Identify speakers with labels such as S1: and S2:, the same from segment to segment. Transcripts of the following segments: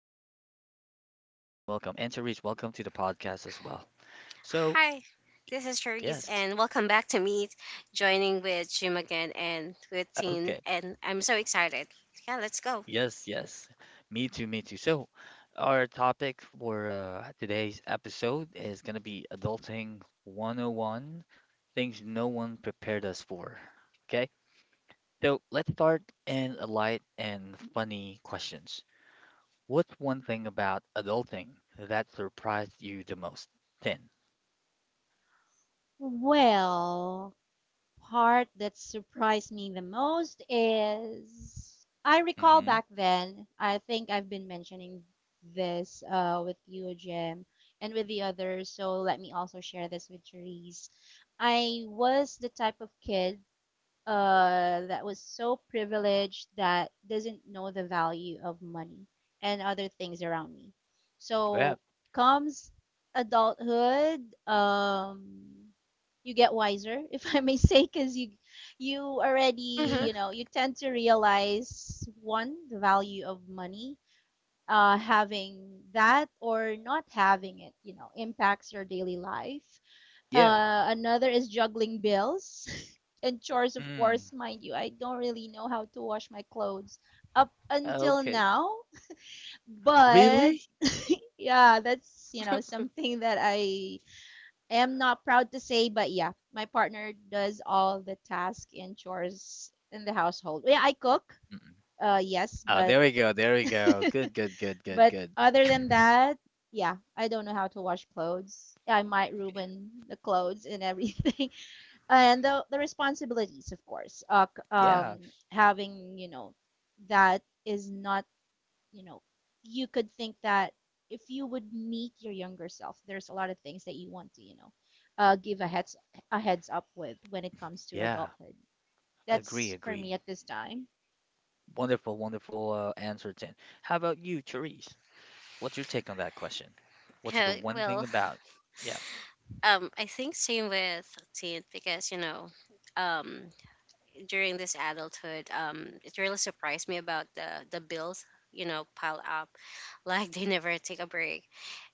S1: Jim.
S2: Well, welcome, and Cherise, welcome to the podcast as well. So,
S3: Hi, this is Cherise,
S2: yes,
S3: and welcome back to Meet, joining with Jim again and with
S2: uh,
S3: Teen,
S2: okay,
S3: and I'm so excited. Yeah, let's go.
S2: yes, yes, me too. So, our topic for today's episode is gonna be adulting 101, things no one prepared us for. Okay. So let's start in a light and funny questions. What's one thing about adulting that surprised you the most? 10.
S1: Well, part that surprised me the most is I recall
S2: Mm-hmm.
S1: back then. I think I've been mentioning this with you, Jim, and with the others. So let me also share this with Therese. I was the type of kid that was so privileged that doesn't know the value of money and other things around me.
S2: Fab.
S1: So comes adulthood, um, you get wiser, if I may say, because you already
S3: Mm-hmm.
S1: you tend to realize one the value of money. Having that or not having it, impacts your daily life.
S2: Yeah.
S1: Another is juggling bills and chores, of
S2: Mm.
S1: course. Mind you, I don't really know how to wash my clothes up until
S2: Okay.
S1: now, but
S2: Really?
S1: yeah, that's something that I am not proud to say, but yeah, my partner does all the tasks and chores in the household. Yeah, I cook,
S2: Mm-mm.
S1: yes,
S2: Oh,
S1: but
S2: there we go. There we go. Good, good, good, good,
S1: but
S2: good.
S1: other than that, yeah, I don't know how to wash clothes. I might ruin the clothes and everything. And the responsibilities of course um
S2: Yeah.
S1: having that is not you know you could think that if you would meet your younger self there's a lot of things that you want to give a heads up with when it comes to
S2: Yeah.
S1: adulthood.
S2: Agree,
S1: That's for me
S2: agree.
S1: at this time.
S2: Wonderful answer, 10. How about you, Therese? What's your take on that question? What's the
S3: Uh,
S2: one thing
S3: well,
S2: about? Yeah.
S3: I think same with Teen because you know, um, during this adulthood, it really surprised me about the bills you know pile up like they never take a break.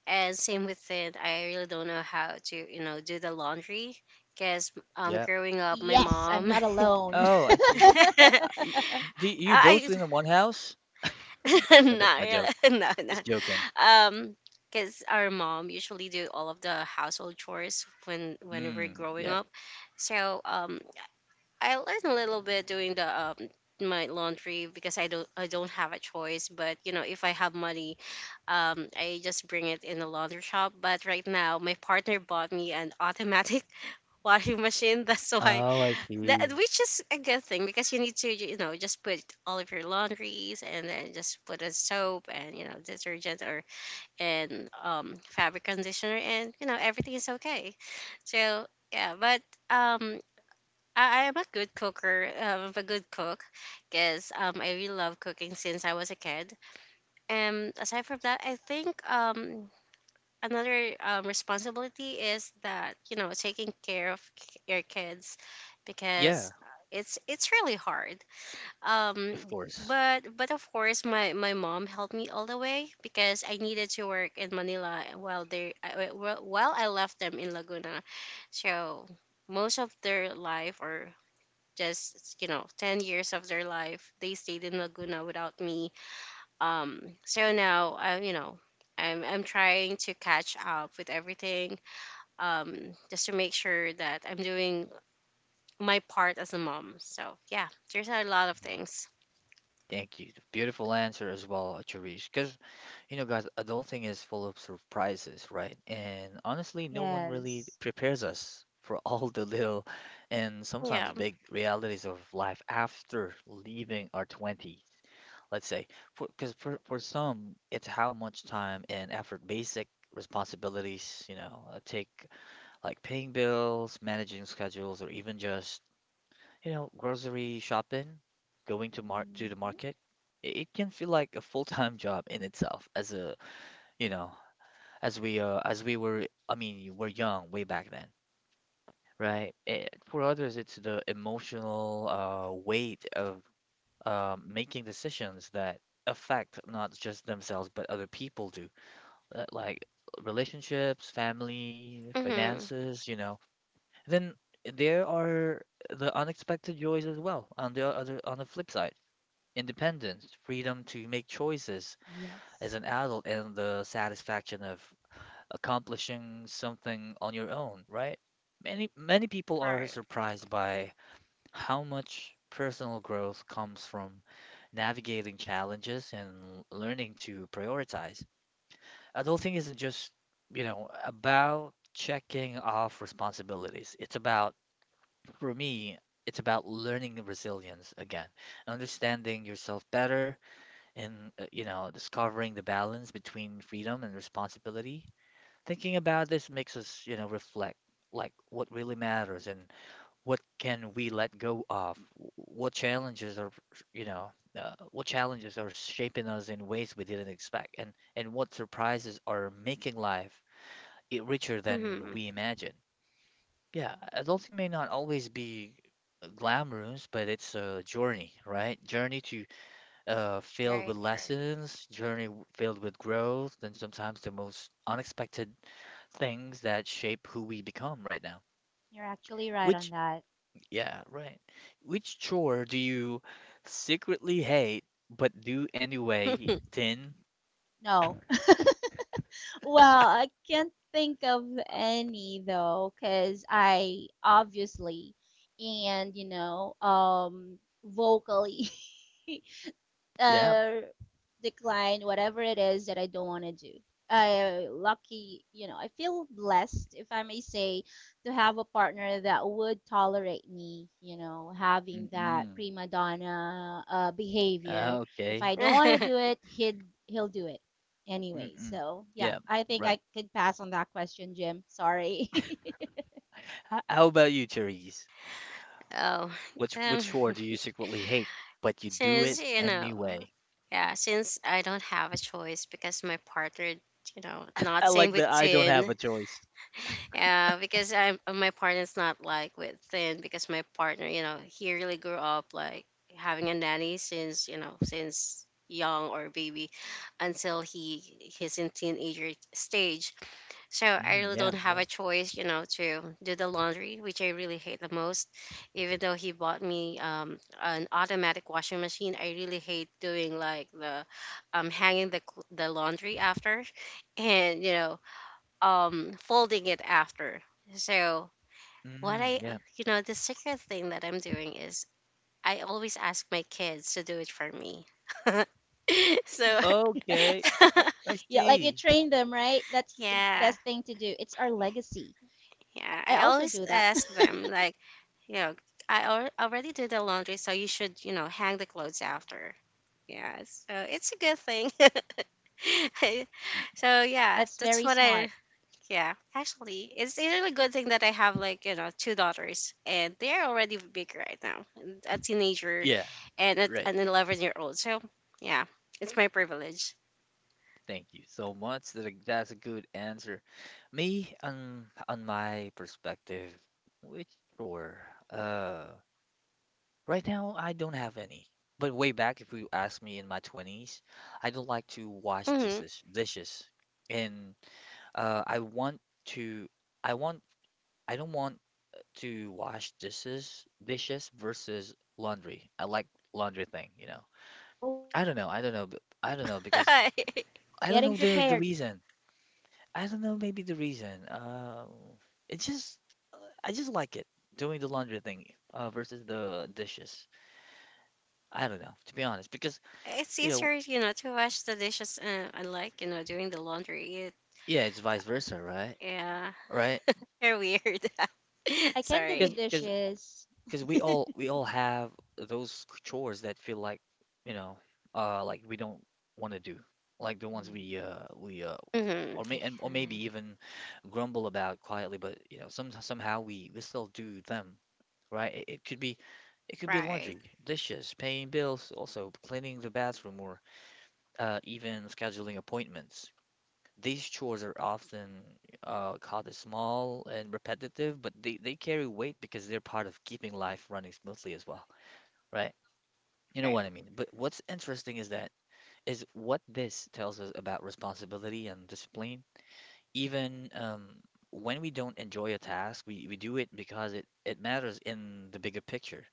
S3: And same with it, I really don't know how to you know do the laundry because
S2: Yeah.
S3: growing up my
S1: Yes, I'm
S3: mom
S1: not alone.
S2: Oh, I see. Do you both
S3: I
S2: live in one house? But that's
S3: not
S2: my joke.
S3: really no no
S2: Just joking.
S3: because our mom usually do all of the household chores when we were
S2: Mm,
S3: growing
S2: yeah.
S3: up. So I learned a little bit doing the my laundry because I don't have a choice, but you know if I have money, I just bring it in the laundry shop. But right now my partner bought me an automatic washing machine, that's why,
S2: Oh, I see.
S3: that which is a good thing because you need to you know just put all of your laundries and then just put a soap and you know detergent or and fabric conditioner and you know everything is okay. So yeah, but um I am a good cooker. I'm a good cook because I really love cooking since I was a kid. And aside from that, I think another responsibility is that you know taking care of your kids
S2: Yeah,
S3: because it's really hard, um
S2: of course.
S3: but of course my my mom helped me all the way because I needed to work in Manila while they while I left them in Laguna, so most of their life or just you know 10 years of their life they stayed in Laguna without me. So now, I, you know, I'm trying to catch up with everything, just to make sure that I'm doing my part as a mom. So yeah, there's a lot of
S2: Mhm.
S3: things.
S2: Thank you. Beautiful answer as well, Cherish. Because, you know, guys, adulting is full of surprises, right? And honestly, no one really
S1: Yes.
S2: prepares us for all the little and sometimes
S3: Yeah.
S2: big realities of life after leaving our 20s, let's say. For some, it's how much time and effort basic responsibilities, you know, take, like paying bills, managing schedules, or even just, you know, grocery shopping, going to mar to the
S1: Hmm.
S2: market. It can feel like a full-time job in itself as a, you know, as we were, I mean, you were young way back then, right? Eh, for others, it's the emotional weight of making decisions that affect not just themselves but other people do. Like relationships, family,
S3: Mm-hmm.
S2: finances, you know. Then there are the unexpected joys as well. On the flip side, independence, freedom to make choices as
S1: Yes,
S2: an adult, and the satisfaction of accomplishing something on your own, right? Many people are
S3: Right.
S2: surprised by how much personal growth comes from navigating challenges and learning to prioritize. Adulting isn't just, you know, about checking off responsibilities. It's about, for me, it's about learning resilience again, understanding yourself better, and, you know, discovering the balance between freedom and responsibility. Thinking about this makes us, you know, reflect like what really matters and what can we let go of? What challenges are, you know, what challenges are shaping us in ways we didn't expect, and what surprises are making life richer than
S3: Mm-hmm.
S2: we imagine. Yeah, adulting may not always be glamorous, but it's a journey, right? Journey to, filled
S3: Right.
S2: with lessons, filled with growth, and sometimes the most unexpected things that shape who we become right now.
S1: you're actually right on
S2: Which,
S1: that.
S2: yeah, right. Which chore do you secretly hate but do anyway, Tin?
S1: No. Well, I can't think of any though, because I obviously and you know, vocally
S2: Yeah.
S1: uh, decline whatever it is that I don't want to do. I lucky, you know, I feel blessed, if I may say, to have a partner that would tolerate me, you know, having that
S2: Mm-mm.
S1: prima donna behavior.
S2: Ah,
S1: If
S2: okay.
S1: I don't want to
S3: Right.
S1: do it, he'll do it anyway.
S2: Mm-mm.
S1: So yeah,
S2: Yeah,
S1: I think
S2: right.
S1: I could pass on that question, Jim. Sorry.
S2: H- How about you, Therese?
S3: oh,
S2: Which
S3: um,
S2: which chore do you secretly hate, but you do it
S3: since you know,
S2: anyway?
S3: yeah, since I don't have a choice because my partner, you know, not
S2: I
S3: same
S2: like
S3: with
S2: that I don't have
S3: Tin.
S2: a choice.
S3: Yeah, because I'm my partner's not like with thin because my partner, you know, he really grew up like having a nanny since you know since young or baby until he's in teenager stage. So I
S2: Mm,
S3: really
S2: yeah,
S3: don't have
S2: yeah.
S3: a choice, you know, to do the laundry, which I really hate the most. Even though he bought me an automatic washing machine, I really hate doing like the hanging the the laundry after, and you know folding it after. So what
S2: Mm,
S3: I
S2: yeah.
S3: you know the secret thing that I'm doing is I always ask my kids to do it for me. So
S2: Okay, I
S1: Yeah, like you
S2: see.
S1: train them, right? That's the
S3: yeah,
S1: best thing to do. It's our legacy.
S3: yeah,
S1: I
S3: I
S1: also
S3: always
S1: do that.
S3: ask them like, you know, already did the laundry, so you should you know hang the clothes after. Yeah, so it's a good thing.
S2: Mm,
S3: So yeah,
S1: That's
S3: that's
S1: very
S3: what I.
S1: smart.
S3: Yeah, actually, it's a really good thing that I have like you know two daughters, and they are already big right now, and a teenager,
S2: yeah,
S3: and a,
S2: right.
S3: an 11-year-old old. So yeah, it's my privilege.
S2: Thank you so much. That that's a good answer. Me, on my perspective, which chore? Uh, right now I don't have any. But way back, if you asked me in my twenties, I don't like to wash
S3: Hmm.
S2: dishes, and, uh, I want to, I want, I don't want to wash dishes, dishes versus laundry. I like laundry thing, you know.
S1: Oh,
S2: I don't know, because I don't
S1: getting
S2: know the
S1: prepared.
S2: reason. I don't know, maybe the reason. It just, uh, I just like it doing the laundry thing, versus the dishes. I don't know, to be honest, because,
S3: It's
S2: you
S3: easier,
S2: know,
S3: you know, to wash the dishes. I like you know doing the laundry. It,
S2: yeah, it's vice versa, right?
S3: yeah,
S2: Right?
S3: you're weird.
S1: I can do the
S3: Sorry.
S2: Because
S1: dishes.
S2: Because we all have those chores that feel like, you know, like we don't want to do, like the ones we
S1: Hmm.
S2: uh we uh
S3: Hmm.
S2: or may, and or maybe even grumble about quietly, but you know, somehow we still do them, right? It could be,
S3: Right.
S2: laundry, dishes, paying bills, also cleaning the bathroom, or even scheduling appointments. These chores are often, called as small and repetitive, but they carry weight because they're part of keeping life running smoothly as well, right? You know
S3: Right.
S2: what I mean. But what's interesting is that is what this tells us about responsibility and discipline. Even, when we don't enjoy a task, we do it because it matters in the bigger picture.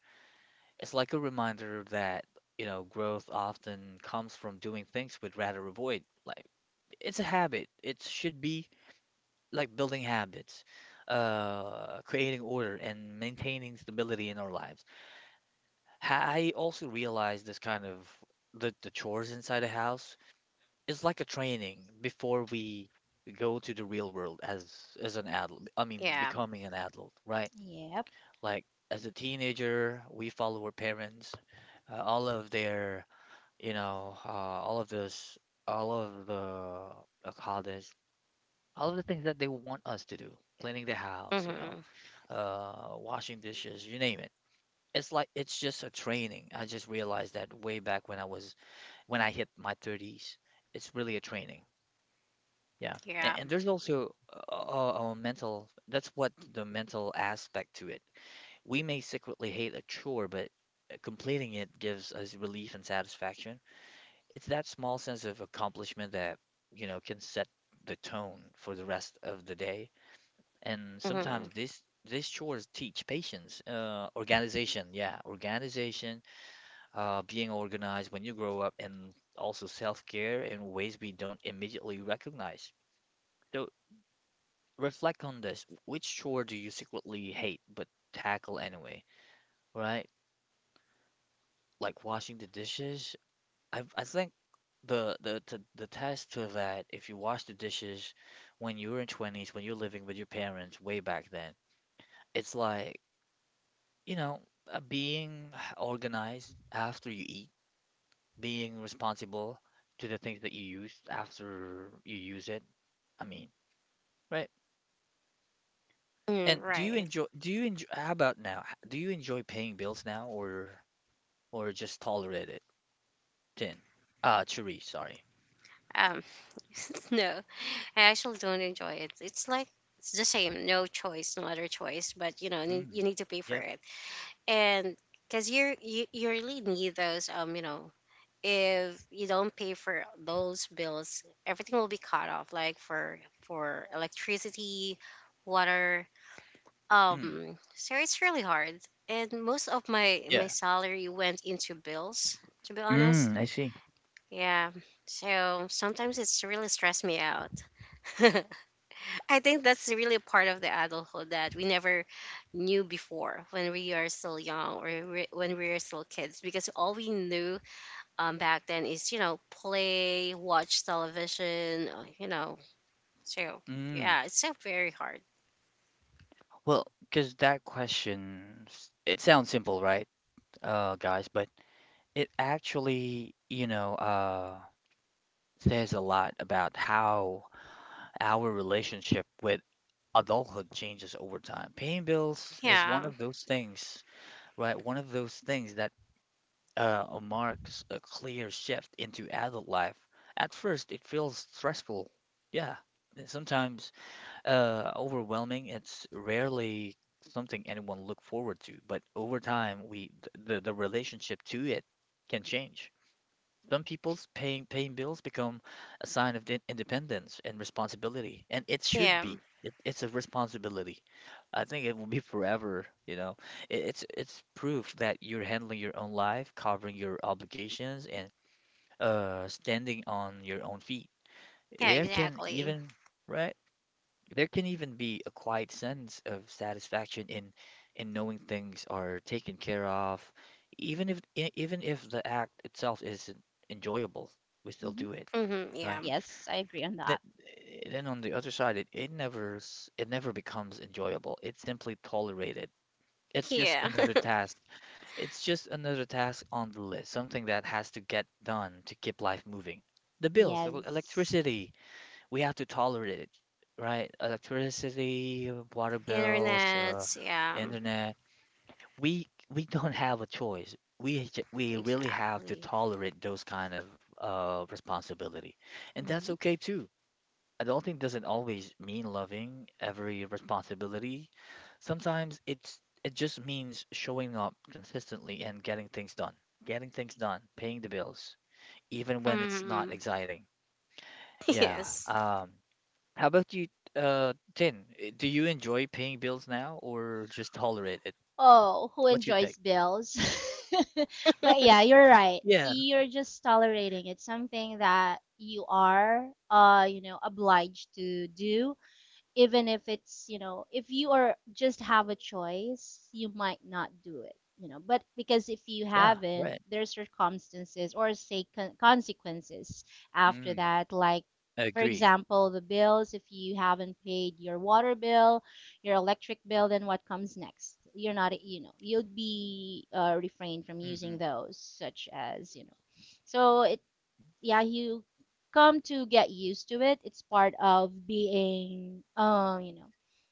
S2: It's like a reminder that, you know, growth often comes from doing things we'd rather avoid. Like, it's a habit. It should be like building habits, creating order, and maintaining stability in our lives. I also realized this kind of, the chores inside a house is like a training before we go to the real world as an adult. I mean,
S3: Yeah.
S2: becoming an adult, right?
S1: Yep.
S2: Like as a teenager, we follow our parents, all of their, you know, all of this, all of the, how this, all of the things that they want us to do, cleaning the house, you know,
S3: Hmm.
S2: washing dishes, you name it. It's like it's just a training. I just realized that way back when I was when I hit my 30s. It's really a training. Yeah.
S3: Yeah.
S2: And there's also a, a mental, that's what the mental aspect to it. We may secretly hate a chore, but completing it gives us relief and satisfaction. It's that small sense of accomplishment that, you know, can set the tone for the rest of the day. And
S3: Hmm.
S2: sometimes this these chores teach patience, organization, yeah, organization, being organized when you grow up, and also self-care in ways we don't immediately recognize. So reflect on this. Which chore do you secretly hate but tackle anyway? Right? Like washing the dishes. I think the test to that if you wash the dishes when you were in 20s, when you're living with your parents way back then, it's like, you know, being organized after you eat, being responsible to the things that you use after you use it. I mean, right?
S3: Hmm.
S2: And
S3: Right.
S2: how about now? Do you enjoy paying bills now, or just tolerate it? Tin. Chiri, sorry.
S3: Um. No. I actually don't enjoy it. It's like it's the same, no choice, no other choice. But you know, you
S2: Mm.
S3: need to pay for
S2: Yep.
S3: it, and because you really need those. You know, if you don't pay for those bills, everything will be cut off. Like for electricity, water.
S2: Mm.
S3: So it's really hard, and most of my my
S2: Yeah.
S3: salary went into bills. To be honest,
S2: Mm, I see.
S3: yeah. So sometimes it's really stressed me out. I think that's really a part of the adulthood that we never knew before when we are still young when we are still kids because all we knew back then is, you know, play, watch television, you know. So,
S2: Mm.
S3: yeah, it's so very hard.
S2: Well, because that question, it sounds simple, right, guys? But it actually, you know, says a lot about how our relationship with adulthood changes over time. Paying bills is
S3: Yeah.
S2: one of those things, right? One of those things that, marks a clear shift into adult life. At first, it feels stressful. Yeah, and sometimes, overwhelming. It's rarely something anyone look forward to, but over time, we th- the relationship to it can change. Some people's paying bills become a sign of independence and responsibility, and it should
S3: Yeah.
S2: be. It's a responsibility. I think it will be forever, you know. It's proof that you're handling your own life, covering your obligations, and standing on your own feet.
S3: Yeah,
S2: There can
S3: exactly.
S2: even, right? There can even be a quiet sense of satisfaction in knowing things are taken care of, even if the act itself isn't enjoyable, we still
S1: Hmm.
S2: do it,
S3: Mm-hmm, yeah.
S2: right?
S1: Yes, I agree on
S2: That
S1: that.
S2: then on the other side, it never s- it never becomes enjoyable. It's simply tolerated. It's just
S3: Yeah.
S2: another task. It's just another task on the list, something that has to get done to keep life moving. The bills,
S1: Yes.
S2: electricity, we have to tolerate it, right? Electricity, water bills,
S3: Internet. Yeah.
S2: internet. We don't have a choice. We really have to
S3: Exactly.
S2: tolerate those kind of, responsibility, and that's
S1: Hmm.
S2: okay too. Adulting doesn't always mean loving every responsibility. Sometimes it's it just means showing up consistently and getting things done. Getting things done, paying the bills, even when it's not
S3: Mm-hmm.
S2: exciting. Yeah.
S3: Yes.
S2: How about you, Tin? Do you enjoy paying bills now or just tolerate it?
S1: Oh, who
S2: What's your take?
S1: enjoys bills? But yeah, you're right.
S2: Yeah,
S1: You're just tolerating. It's something that you are, obliged to do. Even if it's you know if you are just have a choice you might not do it you know but because if you
S2: yeah,
S1: haven't
S2: right.
S1: there's circumstances or say consequences after
S2: Mm,
S1: that, like for
S2: agree.
S1: example the bills, if you haven't paid your water bill your electric bill then what comes next you're not you know you'll be refrained from using
S2: Mm-mm.
S1: those such as you know. So it, yeah, you come to get used to it. It's part of being, you know,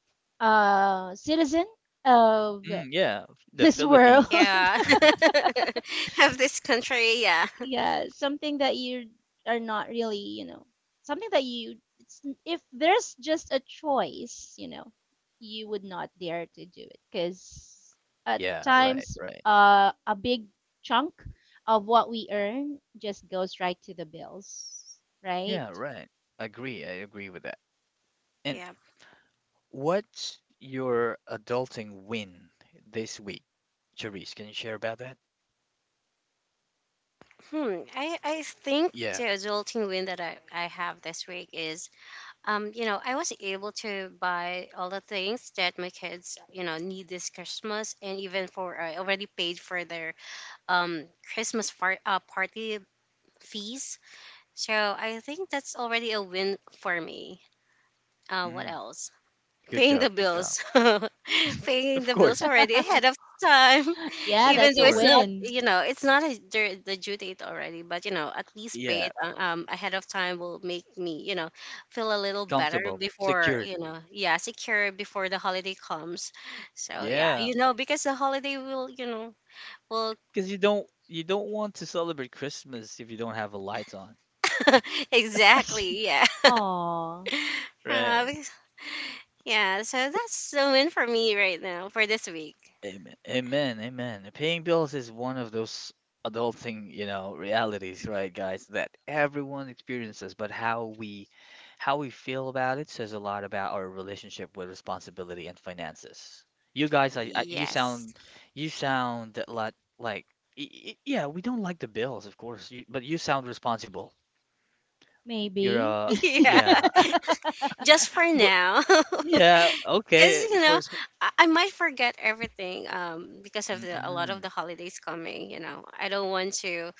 S1: a citizen of
S2: Mm, yeah, the
S1: this world.
S2: Philippines.
S3: Yeah. Of this country. Yeah.
S1: Yeah, something that you are not really, you know, something that you, it's, if there's just a choice, you know, you would not dare to do it because at
S2: Yeah, right,
S1: times
S2: right.
S1: a big chunk of what we earn just goes right to the bills, right?
S2: Yeah, right. Agree. I agree with that. And
S3: Yeah.
S2: what's your adulting win this week? Charisse, can you share about that?
S3: Hmm. I think
S2: Yeah.
S3: the adulting win that I have this week is, you know, I was able to buy all the things that my kids, you know, need this Christmas. And even for, I already paid for their um, Christmas far, party fees. So I think that's already a win for me. What
S2: Mm,
S3: else?
S2: good
S3: Paying
S2: job.
S3: the
S2: Good job.
S3: bills, paying
S2: Of
S3: the bills
S2: course.
S3: already ahead of time,
S1: Yeah,
S2: Of
S3: even
S1: that's
S3: though
S1: a
S3: it's
S2: course.
S3: not
S1: win.
S3: you know it's not a, the due date already but you know at least pay
S2: Yeah.
S3: it ahead of time will make me you know feel a little better
S2: Comfortable.
S3: before
S2: Secured.
S3: you know, yeah, secure before the holiday comes, so yeah
S2: Yeah.
S3: you know because the holiday will you know will
S2: Because you don't want to celebrate Christmas if you don't have a light on,
S3: exactly, yeah.
S1: Oh,
S2: right?
S3: Because- yeah, so that's the win for me right now for this week.
S2: Amen, amen, amen. Paying bills is one of those adulting, you know, realities, right, guys, that everyone experiences, but how we feel about it says a lot about our relationship with responsibility and finances. You guys, I
S3: Yes.
S2: you sound like y- y- yeah, we don't like the bills, of course, you, but you sound responsible. You're
S1: maybe.
S2: a
S3: Yeah,
S2: yeah.
S3: just for now. Because
S2: Yeah, okay.
S3: you
S2: For
S3: know
S2: s-
S3: I might forget everything because of the a lot of
S2: mm
S3: the holidays coming, you know I don't want to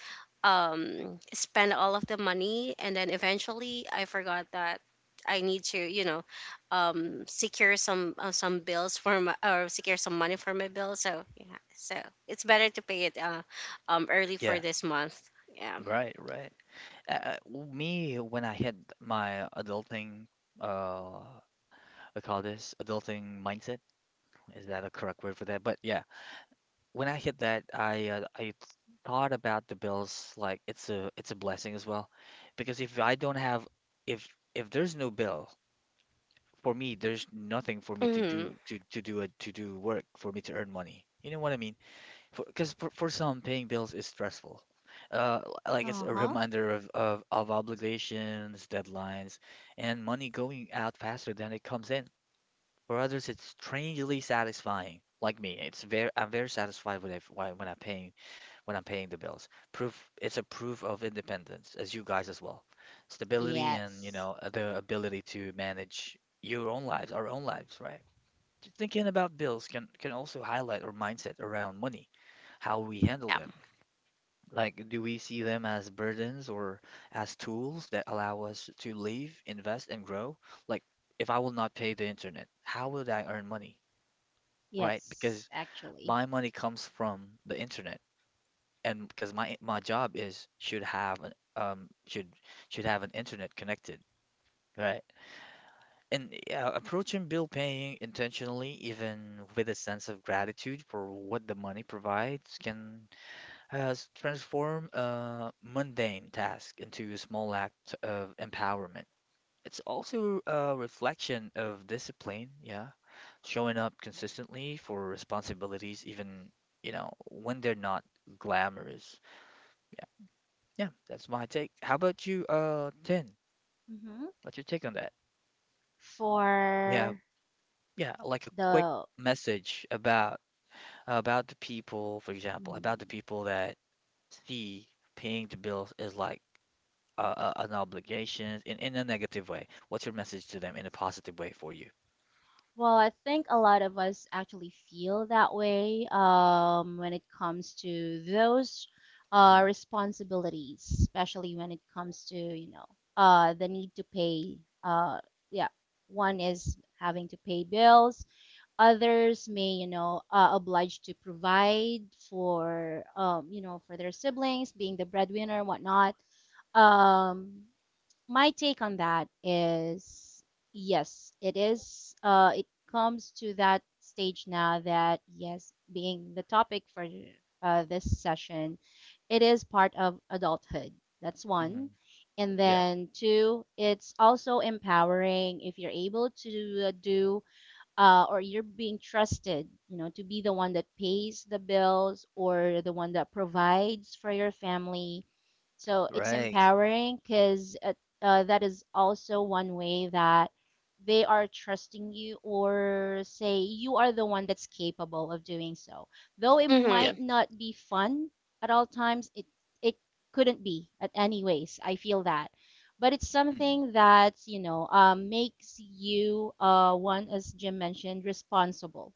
S3: spend all of the money and then eventually I forgot that I need to you know secure some bills for my, or secure some money for my bill, so yeah, so it's better to pay it early for
S2: Yeah,
S3: this month. Yeah.
S2: right, right. Uh, uh, Me, when I hit my adulting, uh, I call this adulting mindset. Is that a correct word for that? But yeah, when I hit that, I thought about the bills like it's a blessing as well, because if I don't have if if there's no bill for me, there's nothing for me to
S3: Mm-hmm.
S2: do to do work for me to earn money. You know what I mean? Because, for some, paying bills is stressful, like it's a
S1: Uh-huh.
S2: reminder of obligations, deadlines, and money going out faster than it comes in. For others, it's strangely satisfying. Like me, it's very I'm very satisfied when I'm paying, when I'm paying the bills. Proof It's a proof of independence, as you guys as well, stability, and you
S1: Yes.
S2: know, the ability to manage your own lives our own lives, right? Just thinking about bills can also highlight our mindset around money, how we handle
S3: Yeah.
S2: them. Like, do we see them as burdens or as tools that allow us to live, invest, and grow? Like, if I will not pay the internet, how would I earn money, right? Because
S1: Yes, actually.
S2: my money comes from the internet, and because my job is should have an, should have an internet connected, right? And yeah, approaching bill paying intentionally, even with a sense of gratitude for what the money provides, can transform a mundane task into a small act of empowerment. It's also a reflection of discipline, yeah, showing up consistently for responsibilities, even, you know, when they're not glamorous. Yeah, yeah, that's my take. How about you, Tin?
S1: Hmm.
S2: What's your take on that? Yeah,
S1: For
S2: yeah, like a quick
S1: the
S2: message about the people, for example, about the
S1: mm,
S2: people that see paying the bills is like an obligation in, a negative way? What's your message to them in a positive way for you?
S1: well, I think a lot of us actually feel that way when it comes to those
S2: Mm,
S1: responsibilities, especially when it comes to, you know, the need to pay. Uh, yeah, one is having to pay bills, others may you know obliged to provide for you know for their siblings being the breadwinner and whatnot. um, my take on that is yes it is, it comes to that stage now that yes being the topic for this session, it is part of adulthood. That's
S2: mm,
S1: one. And
S2: yeah,
S1: then two, it's also empowering if you're able to do or you're being trusted, you know, to be the one that pays the bills or the one that provides for your family. So it's
S2: right.
S1: empowering because that is also one way that they are trusting you, or say you are the one that's capable of doing so. Though it
S2: Yeah.
S1: might
S3: Mm-hmm.
S1: not be fun at all times, it couldn't be at any ways. I feel that. But it's
S2: Mm,
S1: something that, you know, makes you, one, as Jim mentioned, responsible,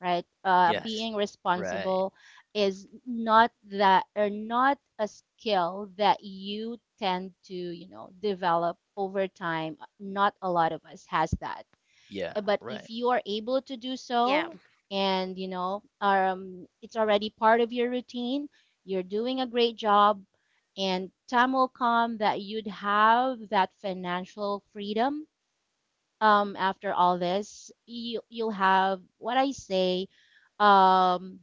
S1: right?
S2: yes.
S1: Being
S2: Right.
S1: responsible is not that or not a skill that you tend to, you know, develop over time. Not a lot of us has that.
S2: Yeah,
S1: But
S2: right.
S1: if you are able to do
S3: Yeah.
S1: so, and you know, it's already part of your routine, you're doing a great job, and time will come that you'd have that financial freedom after all this you you'll have what I say um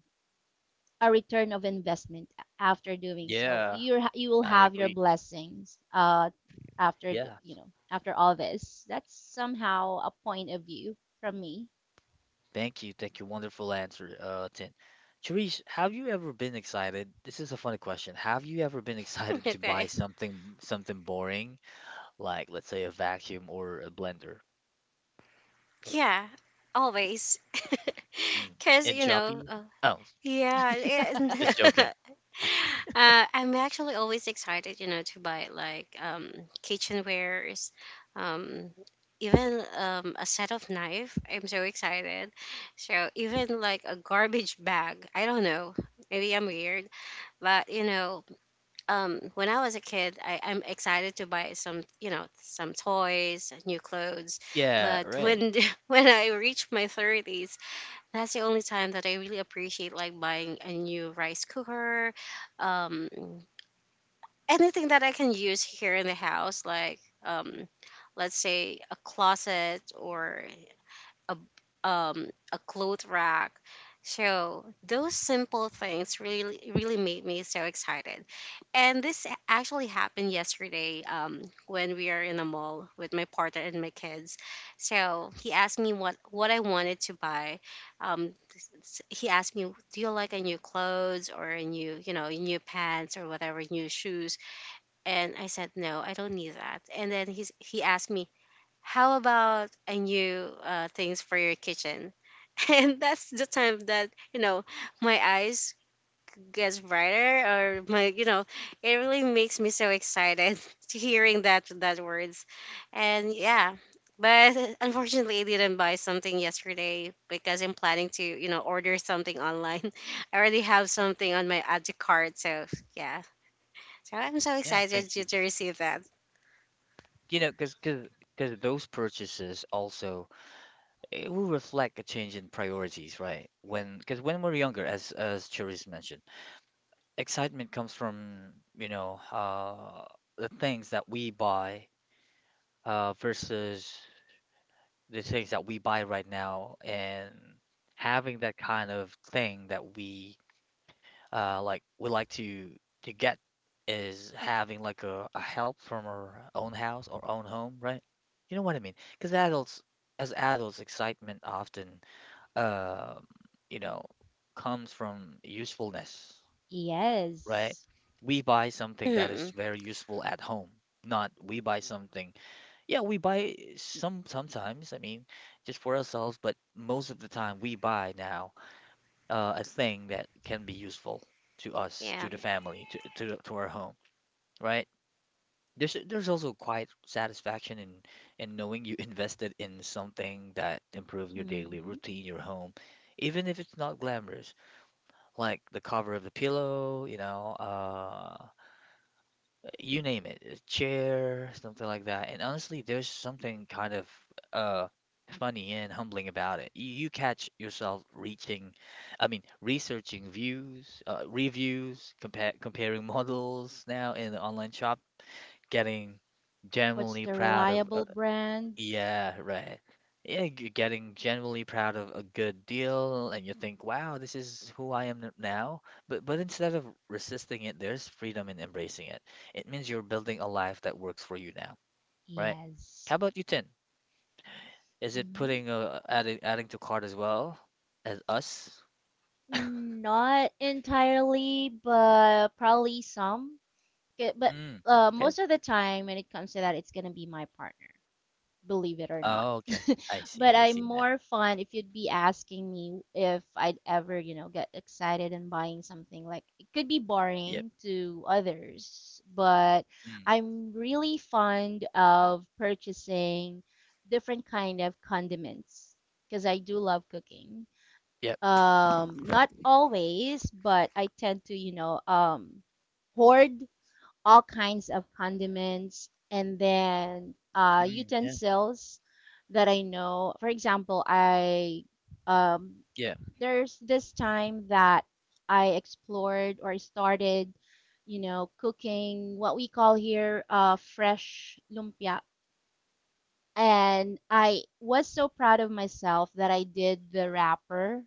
S1: a return of investment. After doing so
S2: Yeah,
S1: you will
S2: I
S1: have your
S2: agree.
S1: blessings after
S2: Yeah.
S1: you know after all this, that's somehow a point of view from me.
S2: Thank you. Thank you. Wonderful answer, Tin. Therese, have you ever been excited? This is a funny question. Have you ever been excited to
S3: Okay.
S2: buy something boring? Like, let's say a vacuum or a blender.
S3: Yeah, always.
S2: Mm.
S3: Because,
S2: In
S3: you know,
S2: Shopee? Oh,
S3: yeah. And
S2: just joking.
S3: uh, I'm actually always excited, you know, to buy like kitchenwares, um, even a set of knife. I'm so excited. So even like a garbage bag. I don't know. Maybe I'm weird, but you know, when I was a kid, I, I'm excited to buy some, you know, some toys, new clothes.
S2: Yeah,
S3: But
S2: right.
S3: when when I reach my thirties, that's the only time that I really appreciate like buying a new rice cooker, um, anything that I can use here in the house, like um, let's say a closet or a a cloth rack. So those simple things really really made me so excited. And this actually happened yesterday when we are in the mall with my partner and my kids. So he asked me what I wanted to buy. He asked me, "Do you like a new clothes or a new, you know, new pants or whatever, new shoes?" And I said, "No, I don't need that." And then he's, he asked me, how about a new things for your kitchen? And that's the time that, you know, my eyes gets brighter or my, you know, it really makes me so excited to hearing that words. And yeah, but unfortunately I didn't buy something yesterday because I'm planning to, you know, order something online. I already have something on my add to cart, so yeah. So I'm so
S2: Yeah, thank
S3: excited
S2: you.
S3: to receive that.
S2: You know, 'cause those purchases also, it will reflect a change in priorities, right? When Because when we're younger, as Cherise mentioned, excitement comes from, you know, the things that we buy, versus the things that we buy right now, and having that kind of thing that we, like we like to get, is having like a help from our own house or own home, right? You know what I mean? Because adults, as adults, excitement often, uh, you know, comes from usefulness, right?
S1: Yes.
S2: We buy something that is very useful at home, not we buy something. Yeah, we buy sometimes, I mean, just for ourselves, but most of the time we buy now a thing that can be useful to us, to
S3: Yeah,
S2: the family, to our home, right? There's also quite satisfaction in knowing you invested in something that improves your daily
S1: Hmm.
S2: routine, your home, even if it's not glamorous, like the cover of the pillow, you know, you name it, a chair, something like that. And honestly, there's something kind of uh funny and humbling about it. You catch yourself reaching, I mean, researching views, reviews, compare comparing models now in the online shop, getting
S1: What's
S2: genuinely
S1: the
S2: proud of,
S1: reliable brand?
S2: yeah, right. Yeah, getting genuinely proud of a good deal, and you think, "Wow, this is who I am now." But instead of resisting it, there's freedom in embracing it. It means you're building a life that works for you now, right? How
S1: Yes.
S2: about you, Tin? Is it
S1: Hmm.
S2: putting adding to cart as well as us?
S1: Not entirely but probably some. K- But
S2: Mm, okay.
S1: most of the time, when it comes to that, it's gonna be my partner, believe it or not.
S2: Oh, okay. I see.
S1: But
S2: I
S1: I'm
S2: see now.
S1: more fun if you'd be asking me if I'd ever, you know, get excited and buying something. Like it could be
S2: Yep.
S1: boring to others, but
S2: Mm,
S1: I'm really fond of purchasing different kind of condiments because I do love cooking.
S2: yep.
S1: Not always, but I tend to, you know, hoard all kinds of condiments and then
S2: Mm, yeah.
S1: utensils that I know. For example, I um,
S2: Yeah.
S1: there's this time that I explored or started, you know, cooking what we call here fresh lumpia. And I was so proud of myself that I did the wrapper,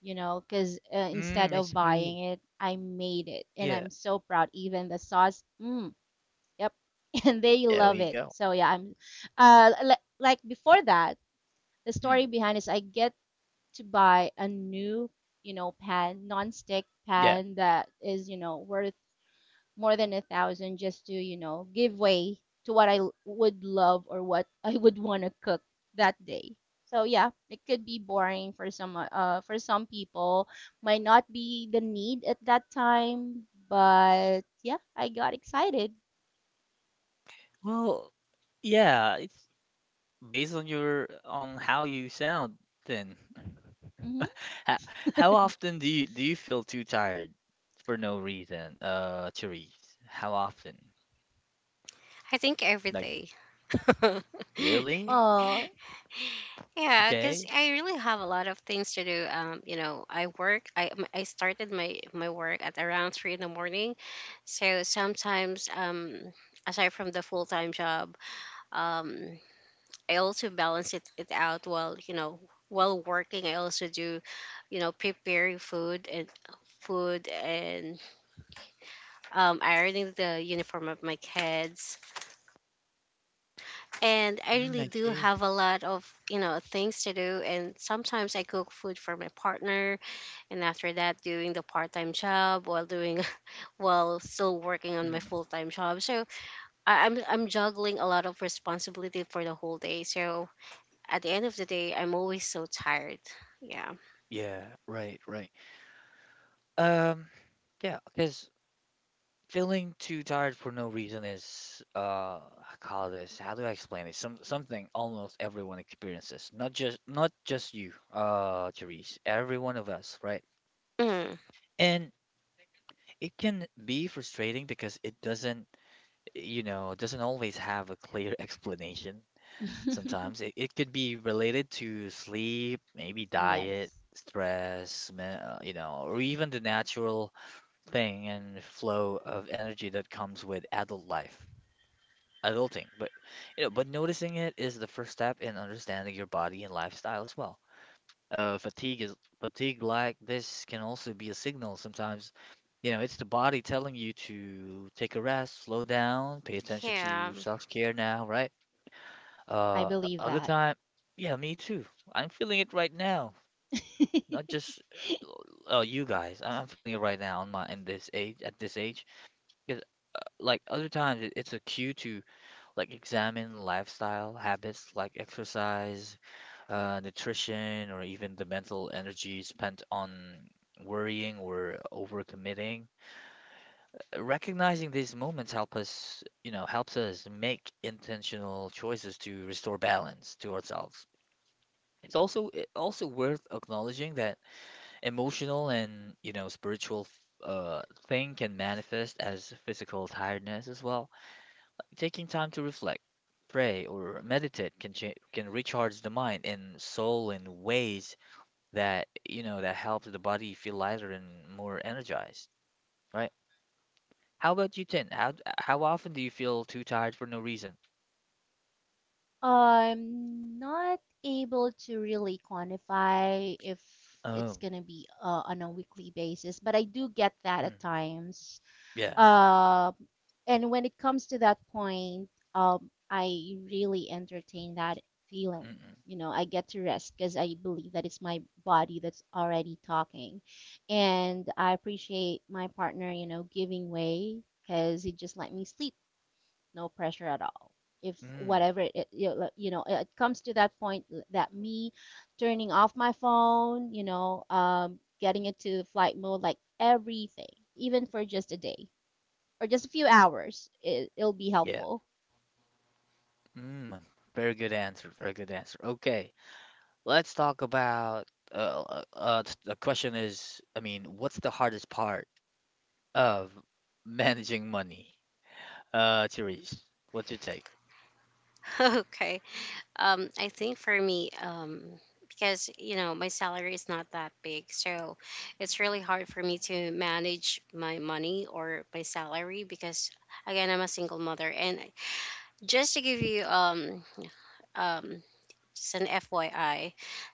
S1: you know, because instead
S2: Mm, I
S1: of
S2: see.
S1: buying it, I made it. And
S2: Yeah.
S1: I'm so proud. Even the sauce, mm, yep. And they
S2: There
S1: love
S2: we
S1: it.
S2: go.
S1: So yeah, I'm like before that, the story
S2: Mm.
S1: behind is I get to buy a new, you know, pan, non-stick
S2: Yeah.
S1: pan that is, you know, worth more than a thousand just to, you know, give way to what would love or what I would want to cook that day. So yeah, it could be boring for some people, might not be the need at that time, but yeah, I got excited.
S2: Well, yeah, it's based on your on how you sound then.
S1: Mhm.
S2: How, how often do you feel too tired for no reason, Therese? How often?
S3: I think every
S2: Like
S3: day.
S2: really?
S1: Oh,
S3: Yeah, because
S2: Okay.
S3: I really have a lot of things to do. You know, I work. I started my my work at around 3 in the morning, so sometimes aside from the full time job, um, I also balance it out while you know while working. I also do, you know, preparing food and food and ironing the uniform of my kids, and I
S2: Mm,
S3: really
S2: I
S3: do
S2: see.
S3: have a lot of you know things to do, and sometimes I cook food for my partner and after that doing the part-time job while doing while still working on my
S2: Mm,
S3: full-time job, so I'm juggling a lot of responsibility for the whole day, so at the end of the day I'm always so tired. Yeah.
S2: yeah, right, right. Um, yeah, because. Feeling too tired for no reason is, I call this, how do I explain it? Something almost everyone experiences. Not just you, Therese. Every one of us, right?
S3: Mm,
S2: And it can be frustrating because it doesn't, you know, doesn't always have a clear explanation. Sometimes it could be related to sleep, maybe diet,
S1: yes,
S2: stress, you know, or even the natural thing and flow of energy that comes with adult life, adulting, but you know, but noticing it is the first step in understanding your body and lifestyle as well. Fatigue is fatigue like this can also be a signal sometimes. You know, it's the body telling you to take a rest, slow down, pay attention
S3: yeah.
S2: to self-care now, right?
S1: I
S2: Uh,
S1: believe
S2: Other
S1: that.
S2: time, yeah, me too. I'm feeling it right now. Not just, you guys. I'm feeling it right now in my, in this age at this age. 'Cause, like other times it's a cue to like examine lifestyle habits like exercise, nutrition, or even the mental energy spent on worrying or overcommitting. Recognizing these moments help us, you know, helps us make intentional choices to restore balance to ourselves. It also worth acknowledging that emotional and, you know, spiritual f- uh, thing can manifest as physical tiredness as well. Taking time to reflect, pray, or meditate can can recharge the mind and soul in ways that you know that helps the body feel lighter and more energized, right? How about you, Tin? How often do you feel too tired for no reason?
S1: I'm not able to really quantify if it's
S2: Oh,
S1: gonna be on a weekly basis, but I do get that at
S2: mm,
S1: times.
S2: yeah,
S1: Uh, and when it comes to that point, I really entertain that feeling.
S2: mm-mm,
S1: You know, I get to rest because I believe that it's my body that's already talking. And I appreciate my partner, you know, giving way because he just let me sleep, no pressure at all. If
S2: mm,
S1: whatever it, you know, it comes to that point that me turning off my phone, you know, getting into flight mode, like everything, even for just a day or just a few hours, it, it'll be
S2: yeah,
S1: helpful.
S2: mm. Very good answer. Very good answer. Okay, let's talk about the question is, I mean, what's the hardest part of managing money? Therese, what's your take?
S3: Okay, I think for me, because you know my salary is not that big, so it's really hard for me to manage my money or my salary because again I'm a single mother, and just to give you um just an FYI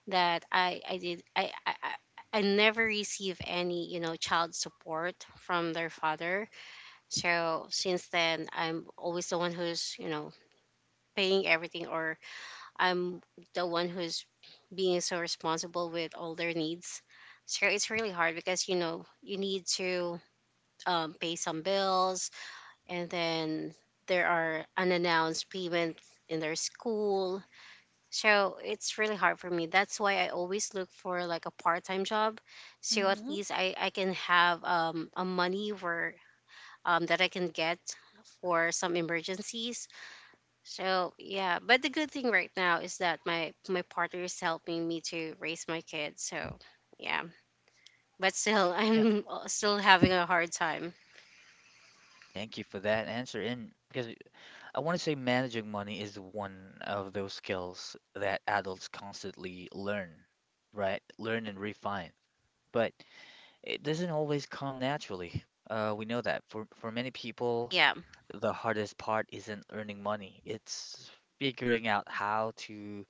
S3: that I did I I never receive any you know child support from their father. So since then, I'm always the one who's you know paying everything, or I'm the one who's being so responsible with all their needs. So it's really hard because you know you need to pay some bills, and then there are unannounced payment in their school, so it's really hard for me. That's why I always look for like a part-time job, so at
S1: Mm-hmm.
S3: least I can have a money where that I can get for some emergencies. So yeah, but the good thing right now is that my partner is helping me to raise my kids. So yeah, but still
S2: Yeah,
S3: I'm still having a hard time.
S2: thank you for that answer. I want to say managing money is one of those skills that adults constantly learn, right? Learn and refine. But it doesn't always come naturally. We know that for many people,
S3: Yeah,
S2: the hardest part isn't earning money. It's figuring out how to,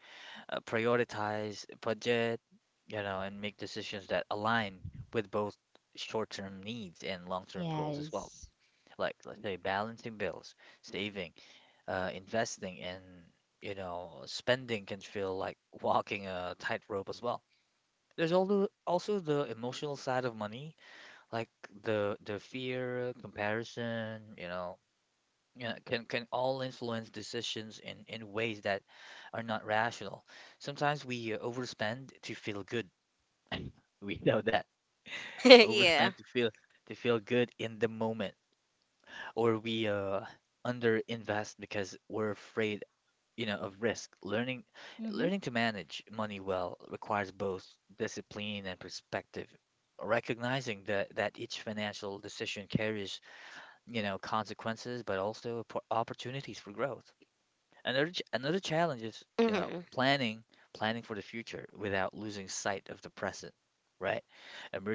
S2: prioritize, budget, you know, and make decisions that align with both short-term needs and long-term goals as well.
S1: Yes.
S2: Like, let's say, balancing bills, saving, investing, and, you know, spending can feel like walking a tightrope as well. There's also the emotional side of money, like the fear, comparison, you know, yeah, can all influence decisions in ways that are not rational. Sometimes we, overspend to feel good. We know that.
S3: yeah,
S2: Overspend to feel good in the moment, or we underinvest because we're afraid, you know, of risk.
S1: Mm-hmm.
S2: Learning to manage money well requires both discipline and perspective. Recognizing that each financial decision carries, you know, consequences, but also opportunities for growth. Another challenge is, you know,
S3: hmm
S2: planning for the future without losing sight of the present, right?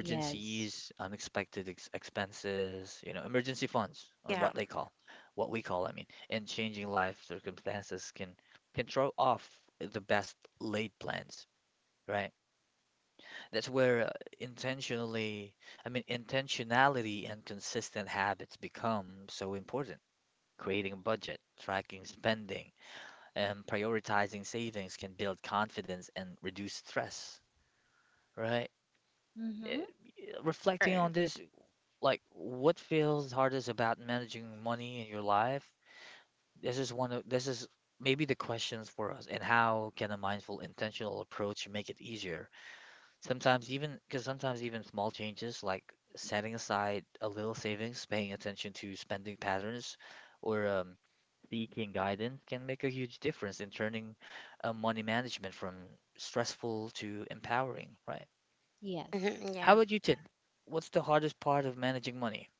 S1: Yes.
S2: unexpected ex expenses, you know, emergency funds on
S3: yeah,
S2: what they call, what we call, I mean, and changing life circumstances can throw off the best laid plans, right? That's where intentionally, intentionality and consistent habits become so important. Creating a budget, tracking spending, and prioritizing savings can build confidence and reduce stress, right? Eh,
S1: Mm-hmm.
S2: Reflecting
S3: true.
S2: on this, like what feels hardest about managing money in your life? This is one of this is maybe the questions for us. And how can a mindful, intentional approach make it easier? Sometimes even, small changes like setting aside a little savings, paying attention to spending patterns, or seeking guidance can make a huge difference in turning money management from stressful to empowering, right?
S3: Hmm
S1: Yes.
S2: How
S3: yeah,
S2: about you, Tin? What's the hardest part of managing money?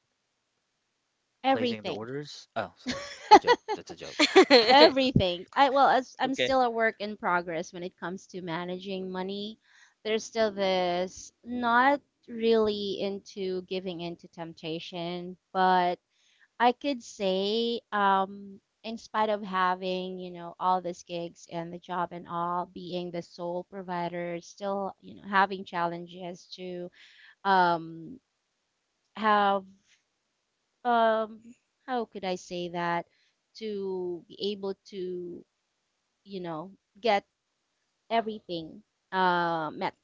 S2: Placing the
S1: Everything.
S2: orders? Oh, so, joke. That's a joke.
S1: Everything. I well, as I'm
S2: Okay.
S1: still a work in progress when it comes to managing money. There's still this not really into giving in to temptation, but I could say, in spite of having, you know, all these gigs and the job and all, being the sole provider, still, you know, having challenges to um, have um how could I say that to be able to you know get everything met